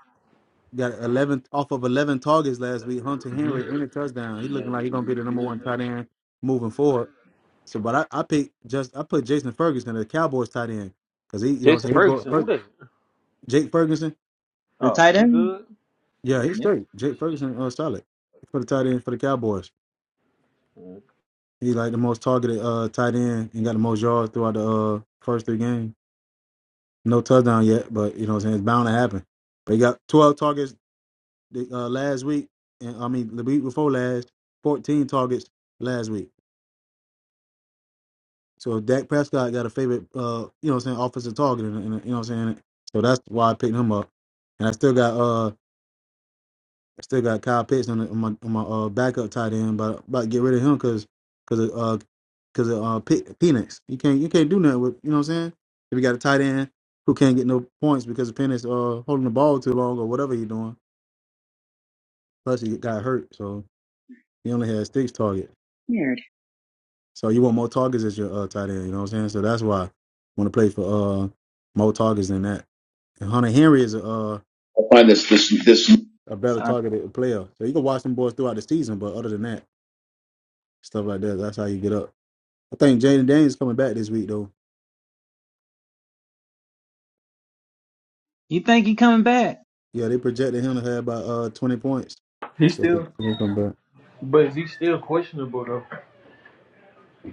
B: got 11 off of 11 targets last week. Hunter Henry and a touchdown. He looking like he's gonna be the number one tight end moving forward. So, but I, I picked just I put Jason Ferguson, the Cowboys tight end, because he you know what I'm
C: Jason
B: saying he go
C: Ferguson, who
B: Fer-
C: that?
B: Jake Ferguson.
C: Oh, he good?
B: Yeah, he's straight. Jake Ferguson uh, solid for the tight end for the Cowboys. He's like the most targeted uh tight end and got the most yards throughout the uh first three games. No touchdown yet, but you know what I'm saying it's bound to happen. But he got 12 targets They, uh, last week, and I mean the week before last, 14 targets last week. So Dak Prescott got a favorite, uh, you know, what I'm saying offensive target, in, in, you know, what I'm saying. So that's why I picked him up, and I still got uh, I still got Kyle Pitts on, the, on my on my uh, backup tight end, but about to get rid of him because because uh because of uh Pe- Penix. You can't you can't do nothing with you know what I'm saying. If you got a tight end who can't get no points because of Penix uh holding the ball too long or whatever he's doing, plus he got hurt, so he only had six targets.
A: paired.
B: So you want more targets as your uh, tight end. You know what I'm saying? So that's why I want to play for uh more targets than that. And Hunter Henry is a uh, a better targeted player. So you can watch them boys throughout the season, but other than that, stuff like that, that's how you get up. I think Jaden Daniels coming back this week though. Yeah, they projected him to have about uh 20 points.
C: He
B: So he
C: still?
B: he can come back.
C: But is he still questionable though?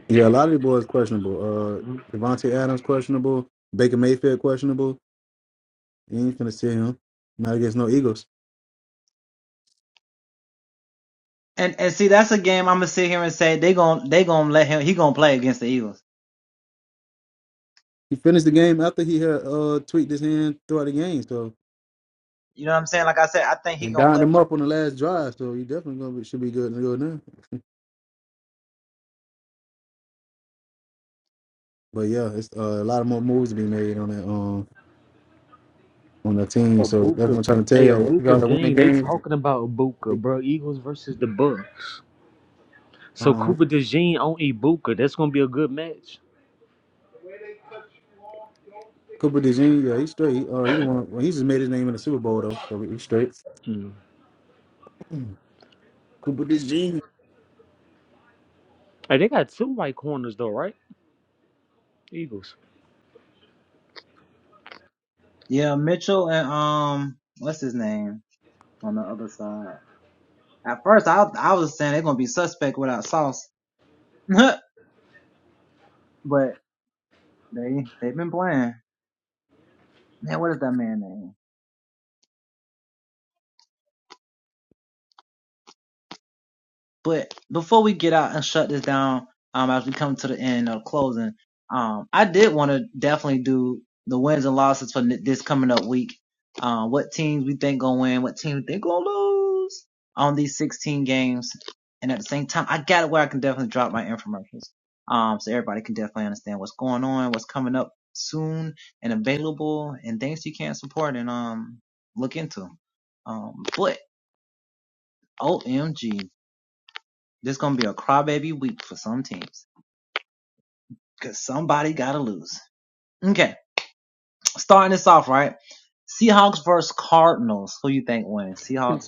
B: Yeah, a lot of the boys questionable. Uh Devontae Adams questionable. Baker Mayfield questionable. You ain't finna see him. Not against no Eagles. He finished the game after he had uh tweaked his hand throughout the game. So And dined him up on the last drive, so he definitely gonna be, should be good to go now. But yeah, it's uh, a lot of more moves to be made on that um on the team. So that's what
C: Abuka.
B: I'm trying to tell
C: Hey,
B: y'all. We
C: Abuka
B: gotta win the
C: gang, they
B: game.
C: talking about Abuka, bro. Eagles versus the Bucks. So Cooper
B: Um,
C: DeJean on Ibuka. That's gonna be a good match.
B: Cooper DeJean, yeah, he's straight. Uh, he the one. Well, he just made his name in the Super Bowl though, so he's straight.
C: Mm.
B: Cooper DeJean.
C: Hey, they got two right corners though, right? Eagles.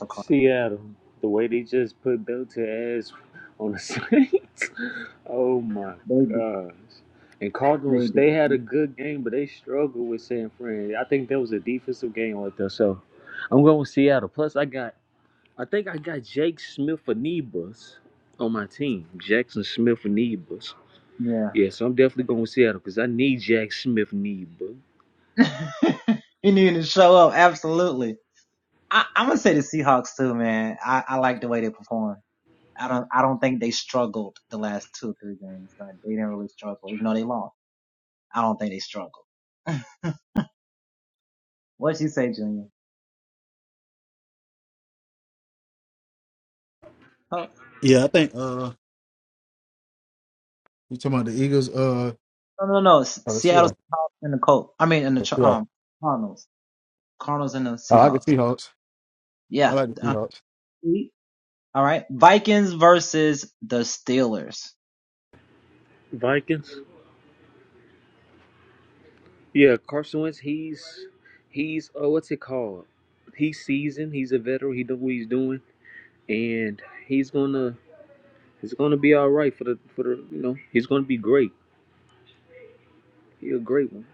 C: Seattle. The way they just put Belter ass on the Saints. oh my gosh. And Cardinals, they had a good game, but they struggled with San Fran. I think that was a defensive game right there. So I'm going with Seattle. Plus, I got I think I got Jake Smith for Nebus on my team. Jackson Smith for Nebus. Yeah, so I'm definitely going with Seattle because I need Jack Smith Nebus.
B: Yeah, I think. Uh, you talking about the Eagles? Uh, or the Seahawks. The Seahawks. Oh, I can Seahawks. I like the Seahawks.
C: Vikings. Yeah, Carson Wentz. He's he's Oh, what's it called? He's seasoned. He's a veteran. He know what he's doing, and he's gonna he's gonna be all right for the for the you know he's gonna be great. He a great one.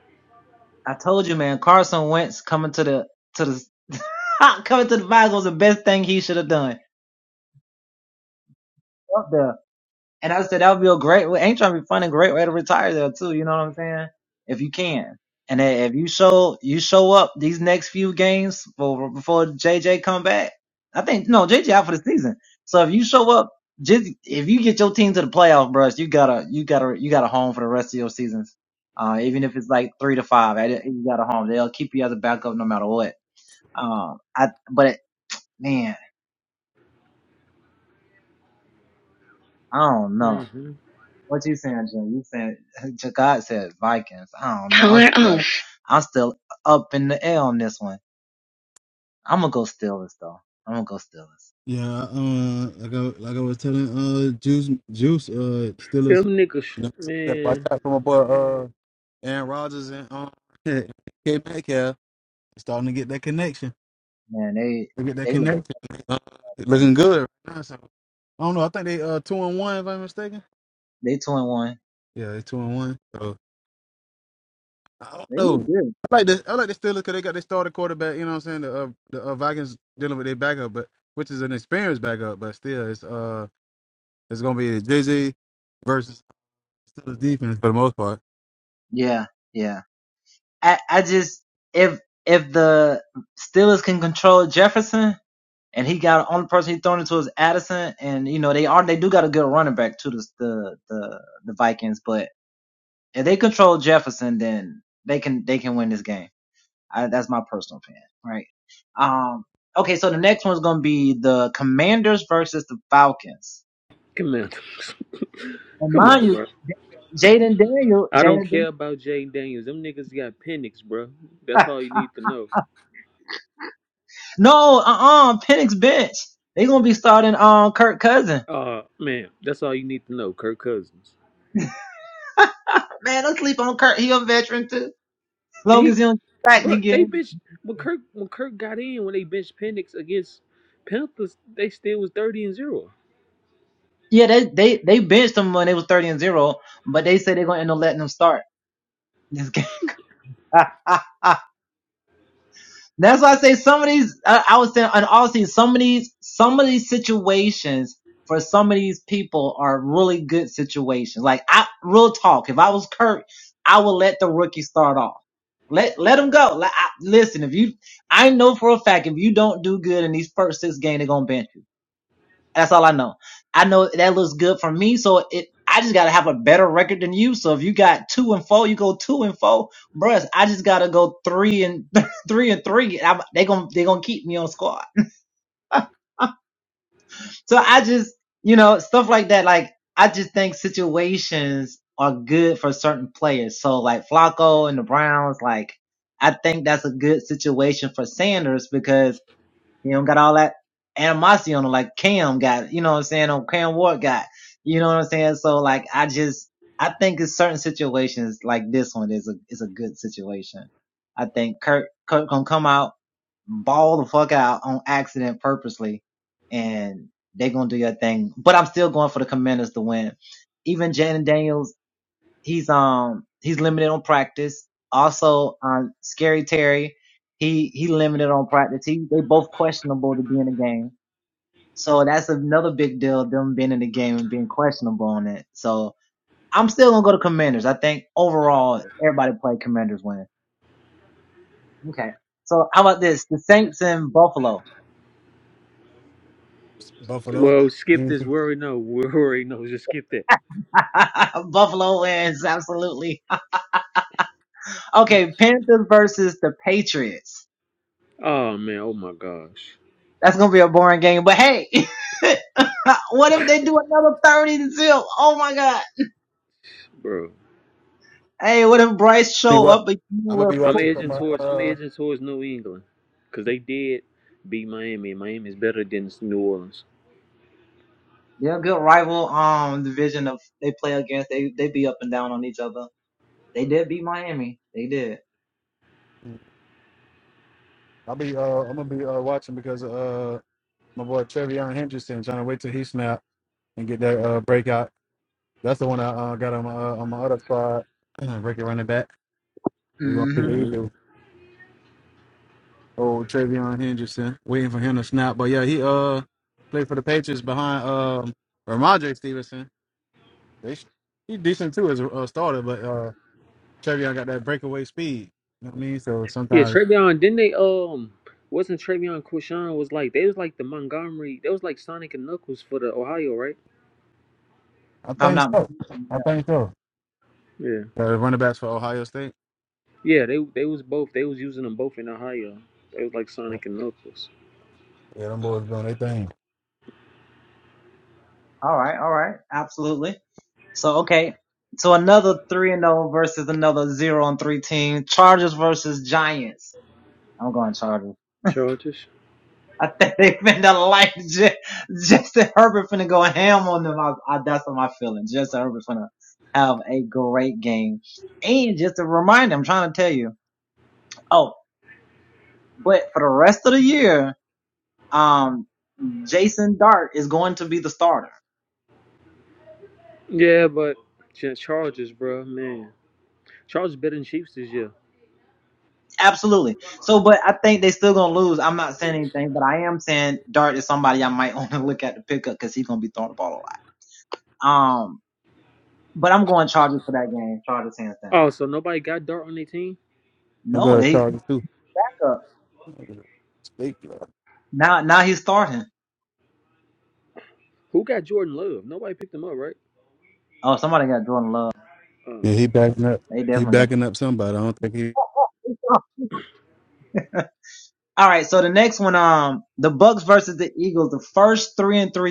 C: Mm-hmm.
B: Yeah, uh, like I like I was telling uh Juice Juice uh
C: Them
B: Steelers,
C: niggas,
B: you know, gotta watch
C: man.
B: out for my boy uh Aaron Rodgers and um K Metcalf starting to get that connection. They get that connection. Uh, looking good right now. So I don't know. I think they uh two and one if I'm mistaken. Yeah, they two and one. So I don't know. I like the I like the Steelers because they got their starter quarterback. You know what I'm saying? The uh, the uh, Vikings dealing with their backup, but which is an experienced backup, but still it's uh it's gonna be Jay Z versus. the defense for the most part.
C: Come on, come on, bro. I don't care about Jaden Daniels. Them niggas got Penix, bro. That's all you need to know. Uh man, that's all you need to know. Kirk Cousins. He, bro, they bitch when Kirk when Kirk got in when they benched Penix against Panthers, they still was thirty and zero.
B: Buffalo.
C: Well, skip this.
B: Easy.
C: We already know. We already know. Just skip that. Oh man. Oh my gosh, bro.
B: Be what? I'm gonna be
C: I'm
B: watching for
C: edging
B: my.
C: towards. I'm
B: Uh,
C: edging towards New England, cause they did beat Miami. and Miami's better than New Orleans.
B: I'll be. Uh, I'm gonna be uh, watching because uh, my boy Trevion Henderson trying to wait till he snap and get that uh, breakout. That's the one I uh, got on my uh, on my other squad. Breaking running back. We gonna see
A: Mm-hmm.
B: what he
C: Mm-hmm.
B: do. Oh, Trevion Henderson, waiting for him to snap. But yeah, he uh played for the Patriots behind um Ramondre Stevenson. They, sh- he decent too as a uh, starter, but uh. Chevion got that breakaway speed. You know what I mean? So
C: Yeah,
B: sometimes
C: Travion, didn't they um wasn't Travion Quishon was like they was like the Montgomery they was like Sonic and Knuckles for the Ohio, right?
B: I think so. I think so.
C: Yeah.
B: The running backs for Ohio State.
C: Yeah, they they was both they was using them both in Ohio. They was like
B: Yeah,
C: Sonic and Knuckles.
B: yeah them boys doing their thing.
C: Chargers? Yeah, but Ch- Chargers, bro, man. Chargers better than Chiefs this year. Oh, so nobody got Dart on their team?
B: I'm going to Chargers too. State, bro.
C: Who got Jordan Love? Nobody picked him up, right? Um
B: Yeah, he backing up. He backing up somebody. I don't think he.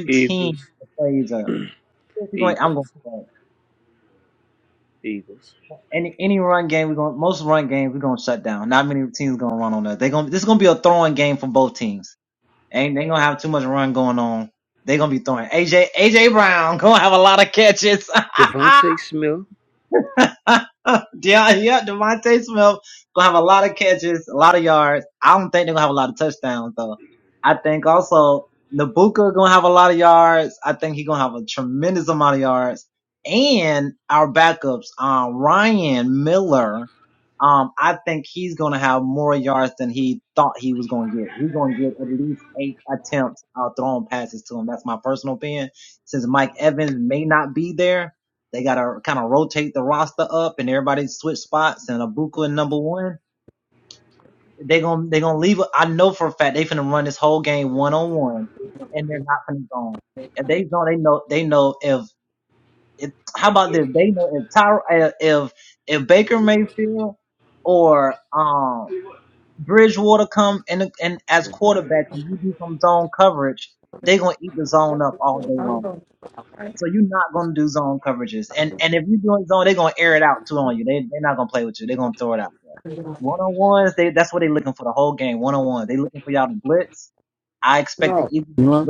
C: Eagles. Eagles. Eagles. Devontae Smith.
B: No. You know?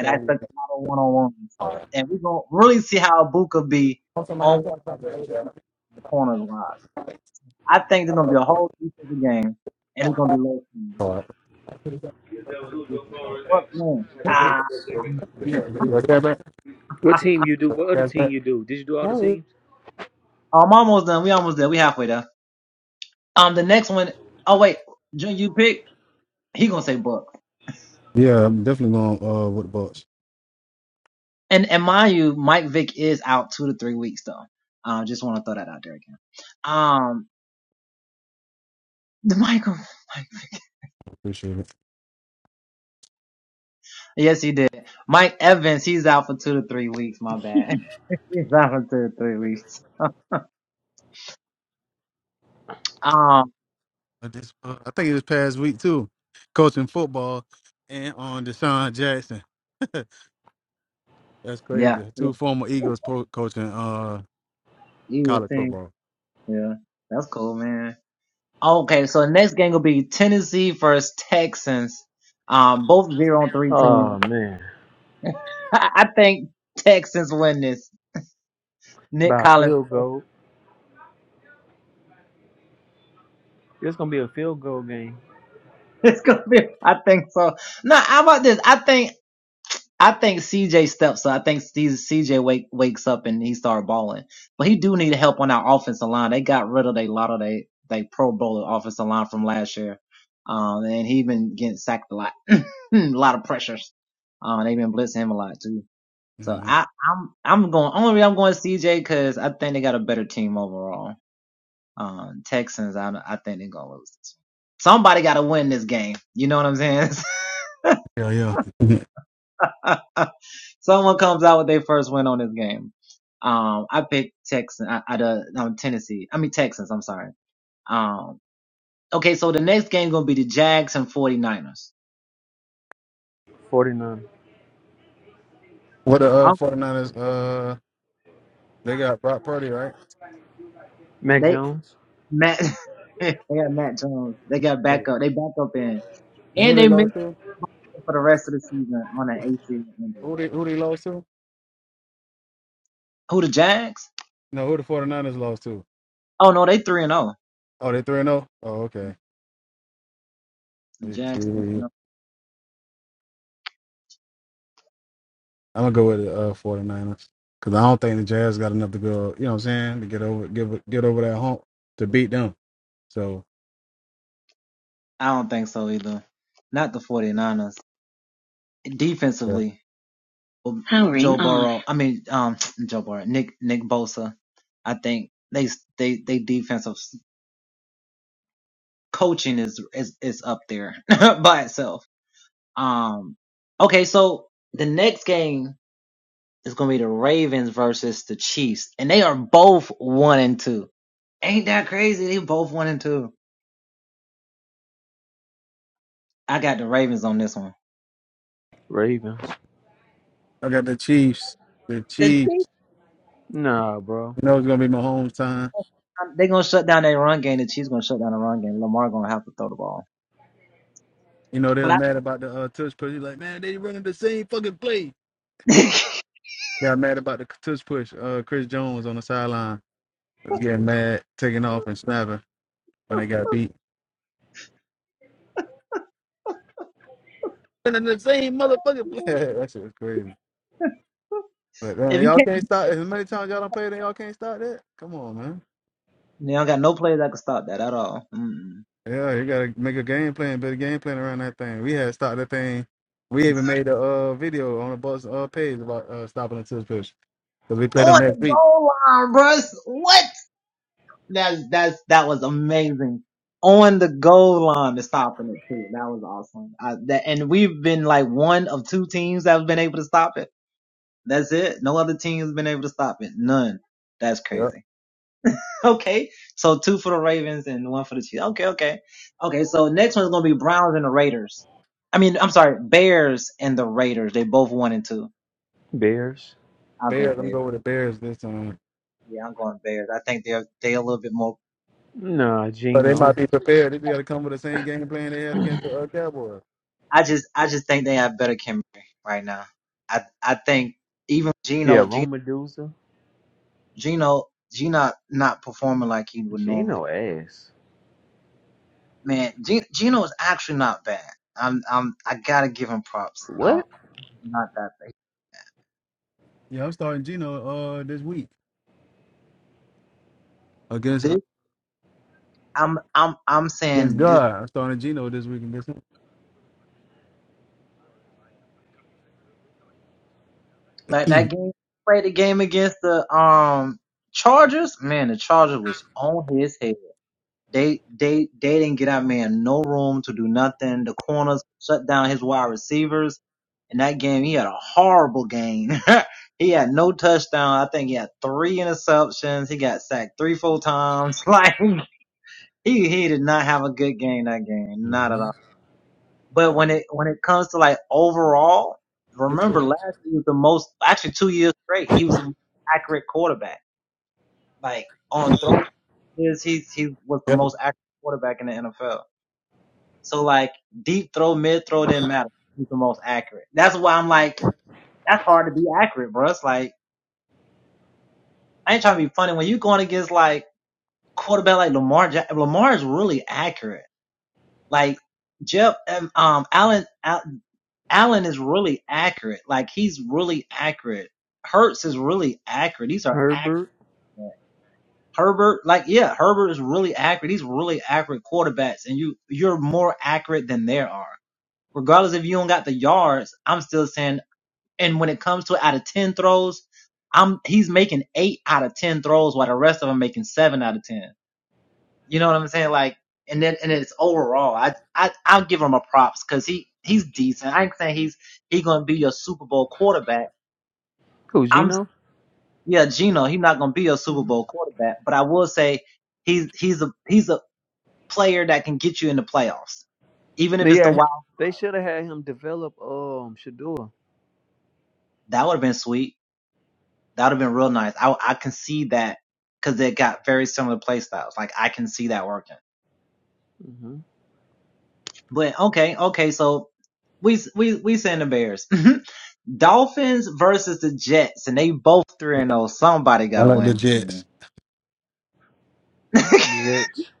B: So, also, my last thing is All right.
C: What team you do? What other team you do? Did you do all the teams?
B: Yeah, I'm definitely going uh, with the Bucks. Appreciate it. But this, uh, I think it was past week too, coaching football and on Deshaun Jackson. That's crazy. Two former Eagles pro- coaching uh college football.
C: Oh man, by field goal. It's gonna be a field goal game.
B: hmm Yeah, yeah. Mhm.
C: Forty nine.
B: What the uh, 49ers, uh, they got Brock Purdy, right?
C: Mac Jones,
B: And who they lost to? Who they who they lost to? No, who the 49ers lost to? Oh, they 3 0? Oh, Oh, okay. Yeah. I'm gonna go with the uh, 49ers because I don't think the Jazz got enough to go. You know what I'm saying? To get over, get get over that hump to beat them. So yeah.
A: Howard.
C: Ravens.
B: I got the Chiefs. The Chiefs.
C: Nah, bro.
B: You know it's gonna be my hometown. You know they was mad about the uh, touch push. He's like, man, they running the same fucking play. Got mad about the touch push. Uh, Chris Jones on the sideline was getting mad, taking off and snapping when they got beat. Running the same motherfucking play. that shit was crazy. But man, y'all can't stop. As many times y'all don't play, then y'all can't stop that. Come on, man. Yeah, you gotta make a game plan, better game plan around that thing. We had stopped that thing. We even made a uh, video on the bus uh, page about uh, stopping the tilt pitch because we play them next week. Yeah,
C: Bears.
B: Bears. I'm going with the Bears this time.
C: Nah,
B: But they
C: Gino.
B: might be prepared. They gotta come with the same game plan they had against the uh, Cowboys.
C: Yeah, Rome Medusa. Gino ass. What?
B: Yeah, I'm starting Gino uh this week against uh, against God. I'm starting Gino this week against him.
C: hmm
B: This week. yeah,
C: Herbert. Who Gino? Yeah, they should have had him develop um Shador. hmm
B: I like the Jets.
C: Jets.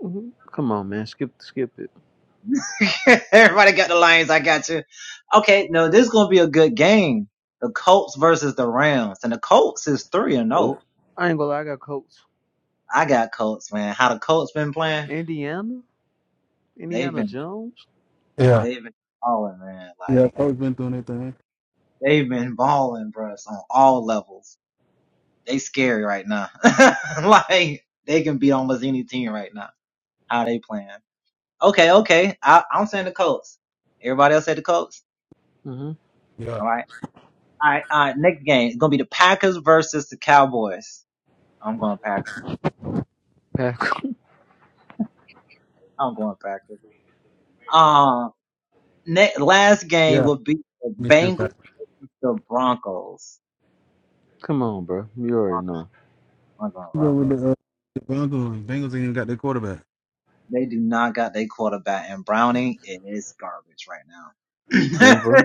C: hmm Come on, man. Skip, skip it. Oh, I ain't gonna lie. I got Colts. Indiana. Indiana Jones.
B: Yeah, yeah. Coach been through that thing.
C: hmm
B: Yeah,
C: Pack.
B: yeah. Me too.
C: Come on, bro. You already know.
B: Go with the uh, The Broncos, Bengals ain't even got their quarterback.
C: Denver.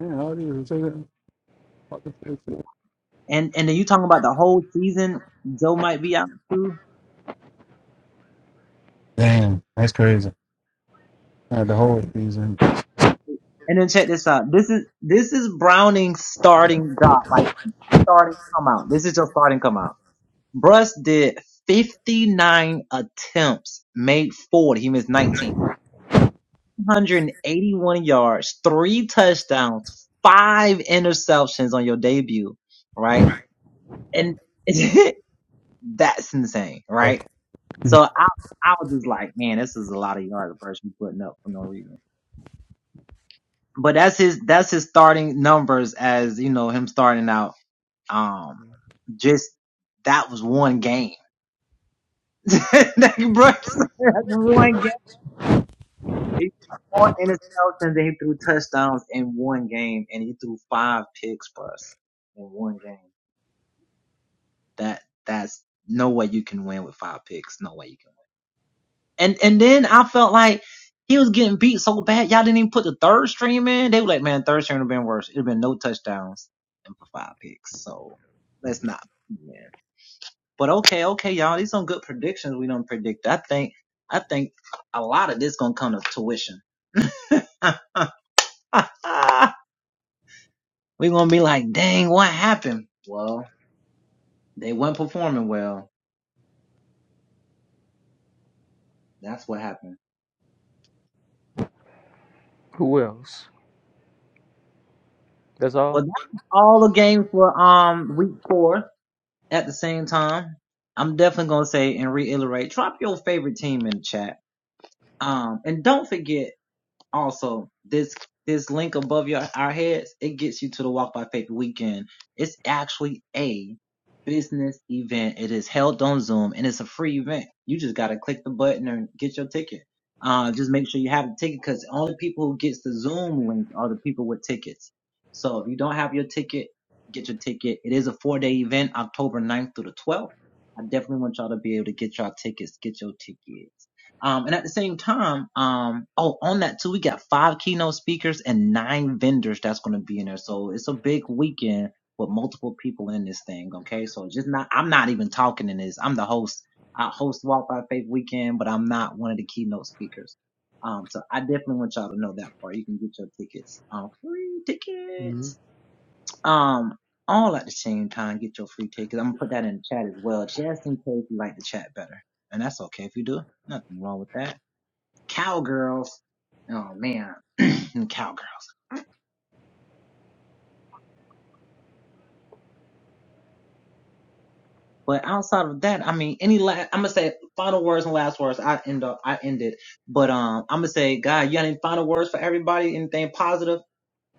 B: yeah, how do say that? What the fuck is that? Damn, that's crazy. Uh, the whole season.
C: Who else? That's all. hmm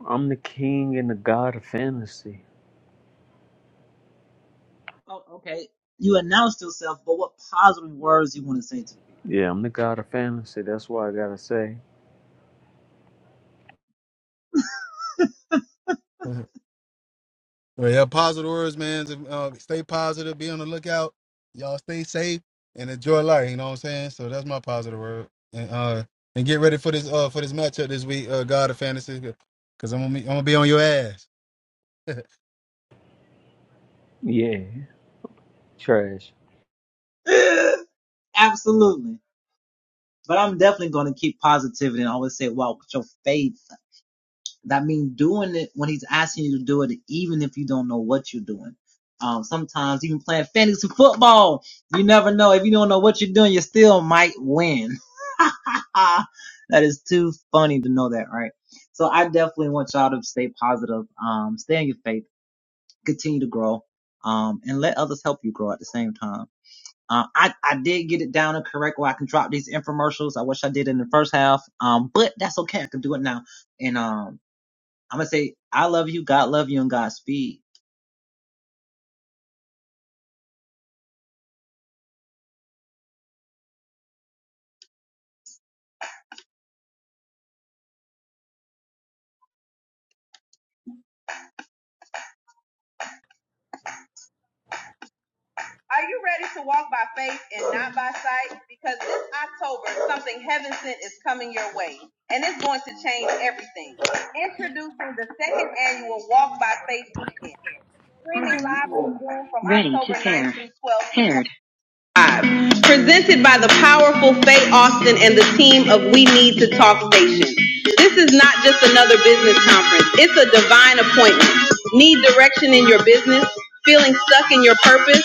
C: I'm the king and the god of fantasy. Yeah, I'm the god of fantasy. That's why I gotta say,
B: well, yeah, positive words, man. Uh, stay positive, be on the lookout. Y'all stay safe and enjoy life. You know what I'm saying? So that's my positive word. And uh, and get ready for this uh for this matchup this week, uh, God of Fantasy, because I'm gonna be, I'm gonna be on your ass.
C: yeah, trash.
A: Are you ready to walk by faith and not by sight? Because this October, something heaven sent is coming your way, and it's going to change everything. Introducing the second annual Walk by Faith Weekend, streaming live on Zoom from Ready to October 9th pair. through 12th. Paired presented by the powerful Faye Austin and the team of We Need to Talk Station. This is not just another business conference, it's a divine appointment. Need direction in your business? Feeling stuck in your purpose?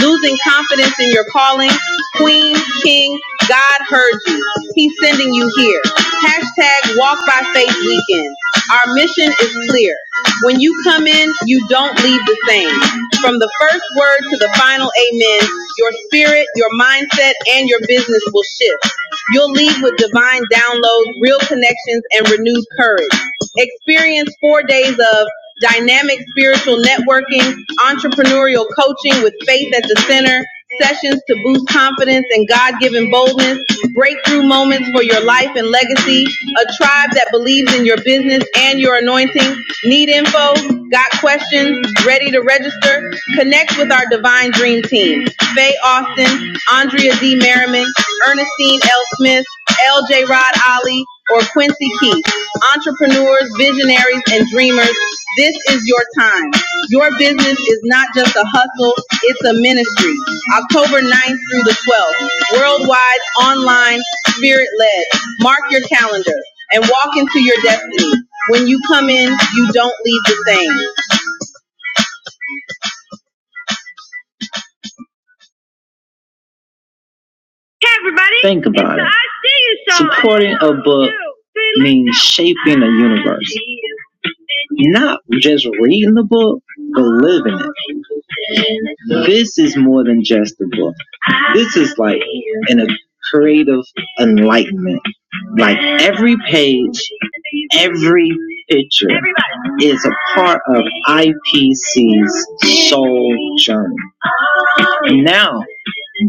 A: Losing confidence in your calling? Queen, King, God heard you. He He's sending you here. Hashtag Walk by Faith Weekend. Our mission is clear. When you come in, you don't leave the same. From the first word to the final amen, your spirit, your mindset, and your business will shift. You'll leave with divine downloads, real connections, and renewed courage. Experience four days of dynamic spiritual networking, entrepreneurial coaching with faith at the center, sessions to boost confidence and God given boldness, breakthrough moments for your life and legacy, a tribe that believes in your business and your anointing. Need info? Got questions? Ready to register? Connect with our Divine Dream Team. Faye Austin, Andrea D. Merriman, Ernestine L. Smith, L.J. Rod Ali, or Quincy Keith. Entrepreneurs, visionaries, and dreamers, this is your time. Your business is not just a hustle, it's a ministry. October 9th through the 12th, worldwide, online, spirit-led. Mark your calendar and walk into your destiny. When you come in, you don't leave the same. Think about it. Supporting a book means shaping a universe. Not just reading the book, but living it. This is more than just a book. This is like in a creative enlightenment. Like every page, every picture is a part of IPC's soul journey. Now,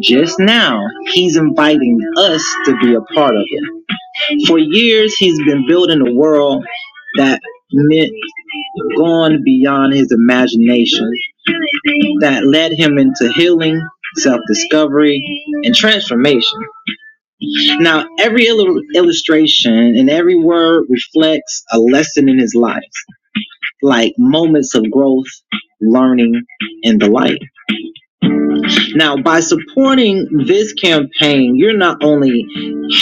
A: just now, he's inviting us to be a part of it. For years, he's been building a world that meant gone beyond his imagination, that led him into healing discovery, transformation. Now, every illu- illustration and every word reflects a lesson in his life, like moments of growth, learning, and the like. Now, by supporting this campaign, you're not only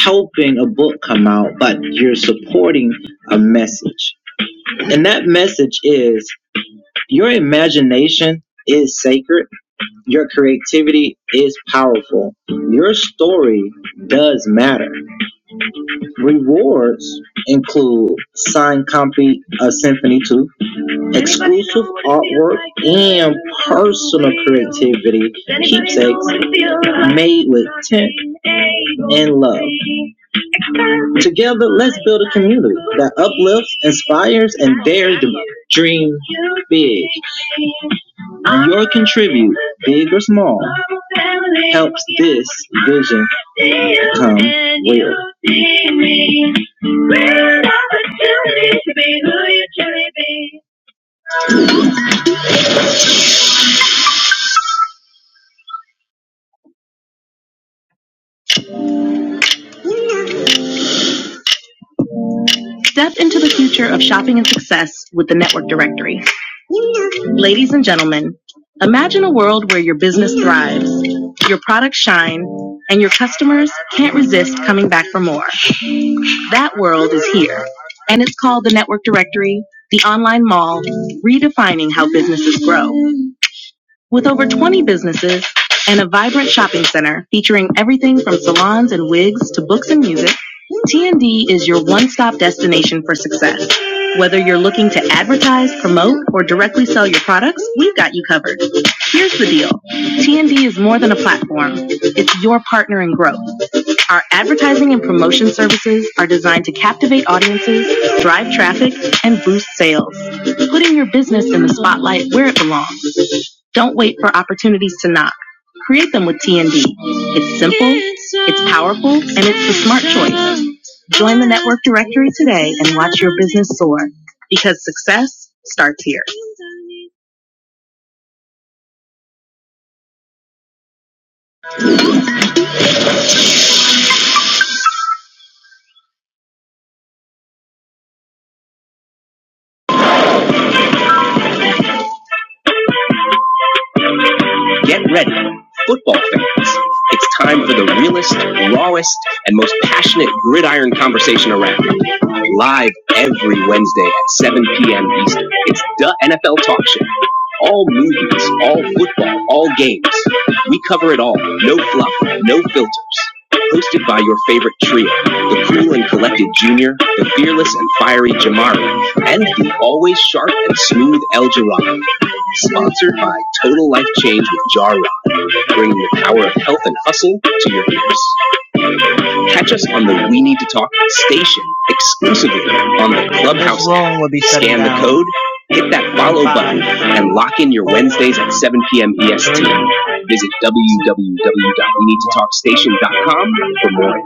A: helping a book come out, but you're supporting a message. And that message is your imagination is sacred, your creativity is powerful, your story does matter. Rewards include Sign Compy Ascend. Step into the future of shopping and success with the Network Directory. Ladies and gentlemen, imagine a world where your business thrives, your products shine, and your customers can't resist coming back for more. That world is here, and it's called the Network Directory, the online mall, redefining how businesses grow. With over 20 businesses and a vibrant shopping center featuring everything from salons and wigs to books and music, TND is your one-stop destination for success. Whether you're looking to advertise, promote, or directly sell your products, we've got you covered. Here's the deal. TND is more than a platform. It's your partner in growth. Our advertising and promotion services are designed to captivate audiences, drive traffic, and boost sales. Putting your business in the spotlight where it belongs. Don't wait for opportunities to knock. Create them with TND. It's simple, it's powerful, and it's the smart choice. Join the network directory today and watch your business soar because success starts here. Get ready. Football fans. It's time for the realest, rawest, and most passionate gridiron conversation around. Live every Wednesday at 7 p.m. Eastern. It's the NFL Talk Show. All movies, all football, all games. We cover it all. No fluff, no filters. Hosted by your favorite trio, the cool and collected Junior, the fearless and fiery Jamari, and the always sharp and smooth El Jirado. Sponsored by Total Life Change with Jar Rod, bringing the power of health and hustle to your ears. Catch us on the We Need to Talk station exclusively on the Clubhouse. Scan the code, hit that follow button, and lock in your Wednesdays at 7 p.m. EST. Visit www.weneedtotalkstation.com for more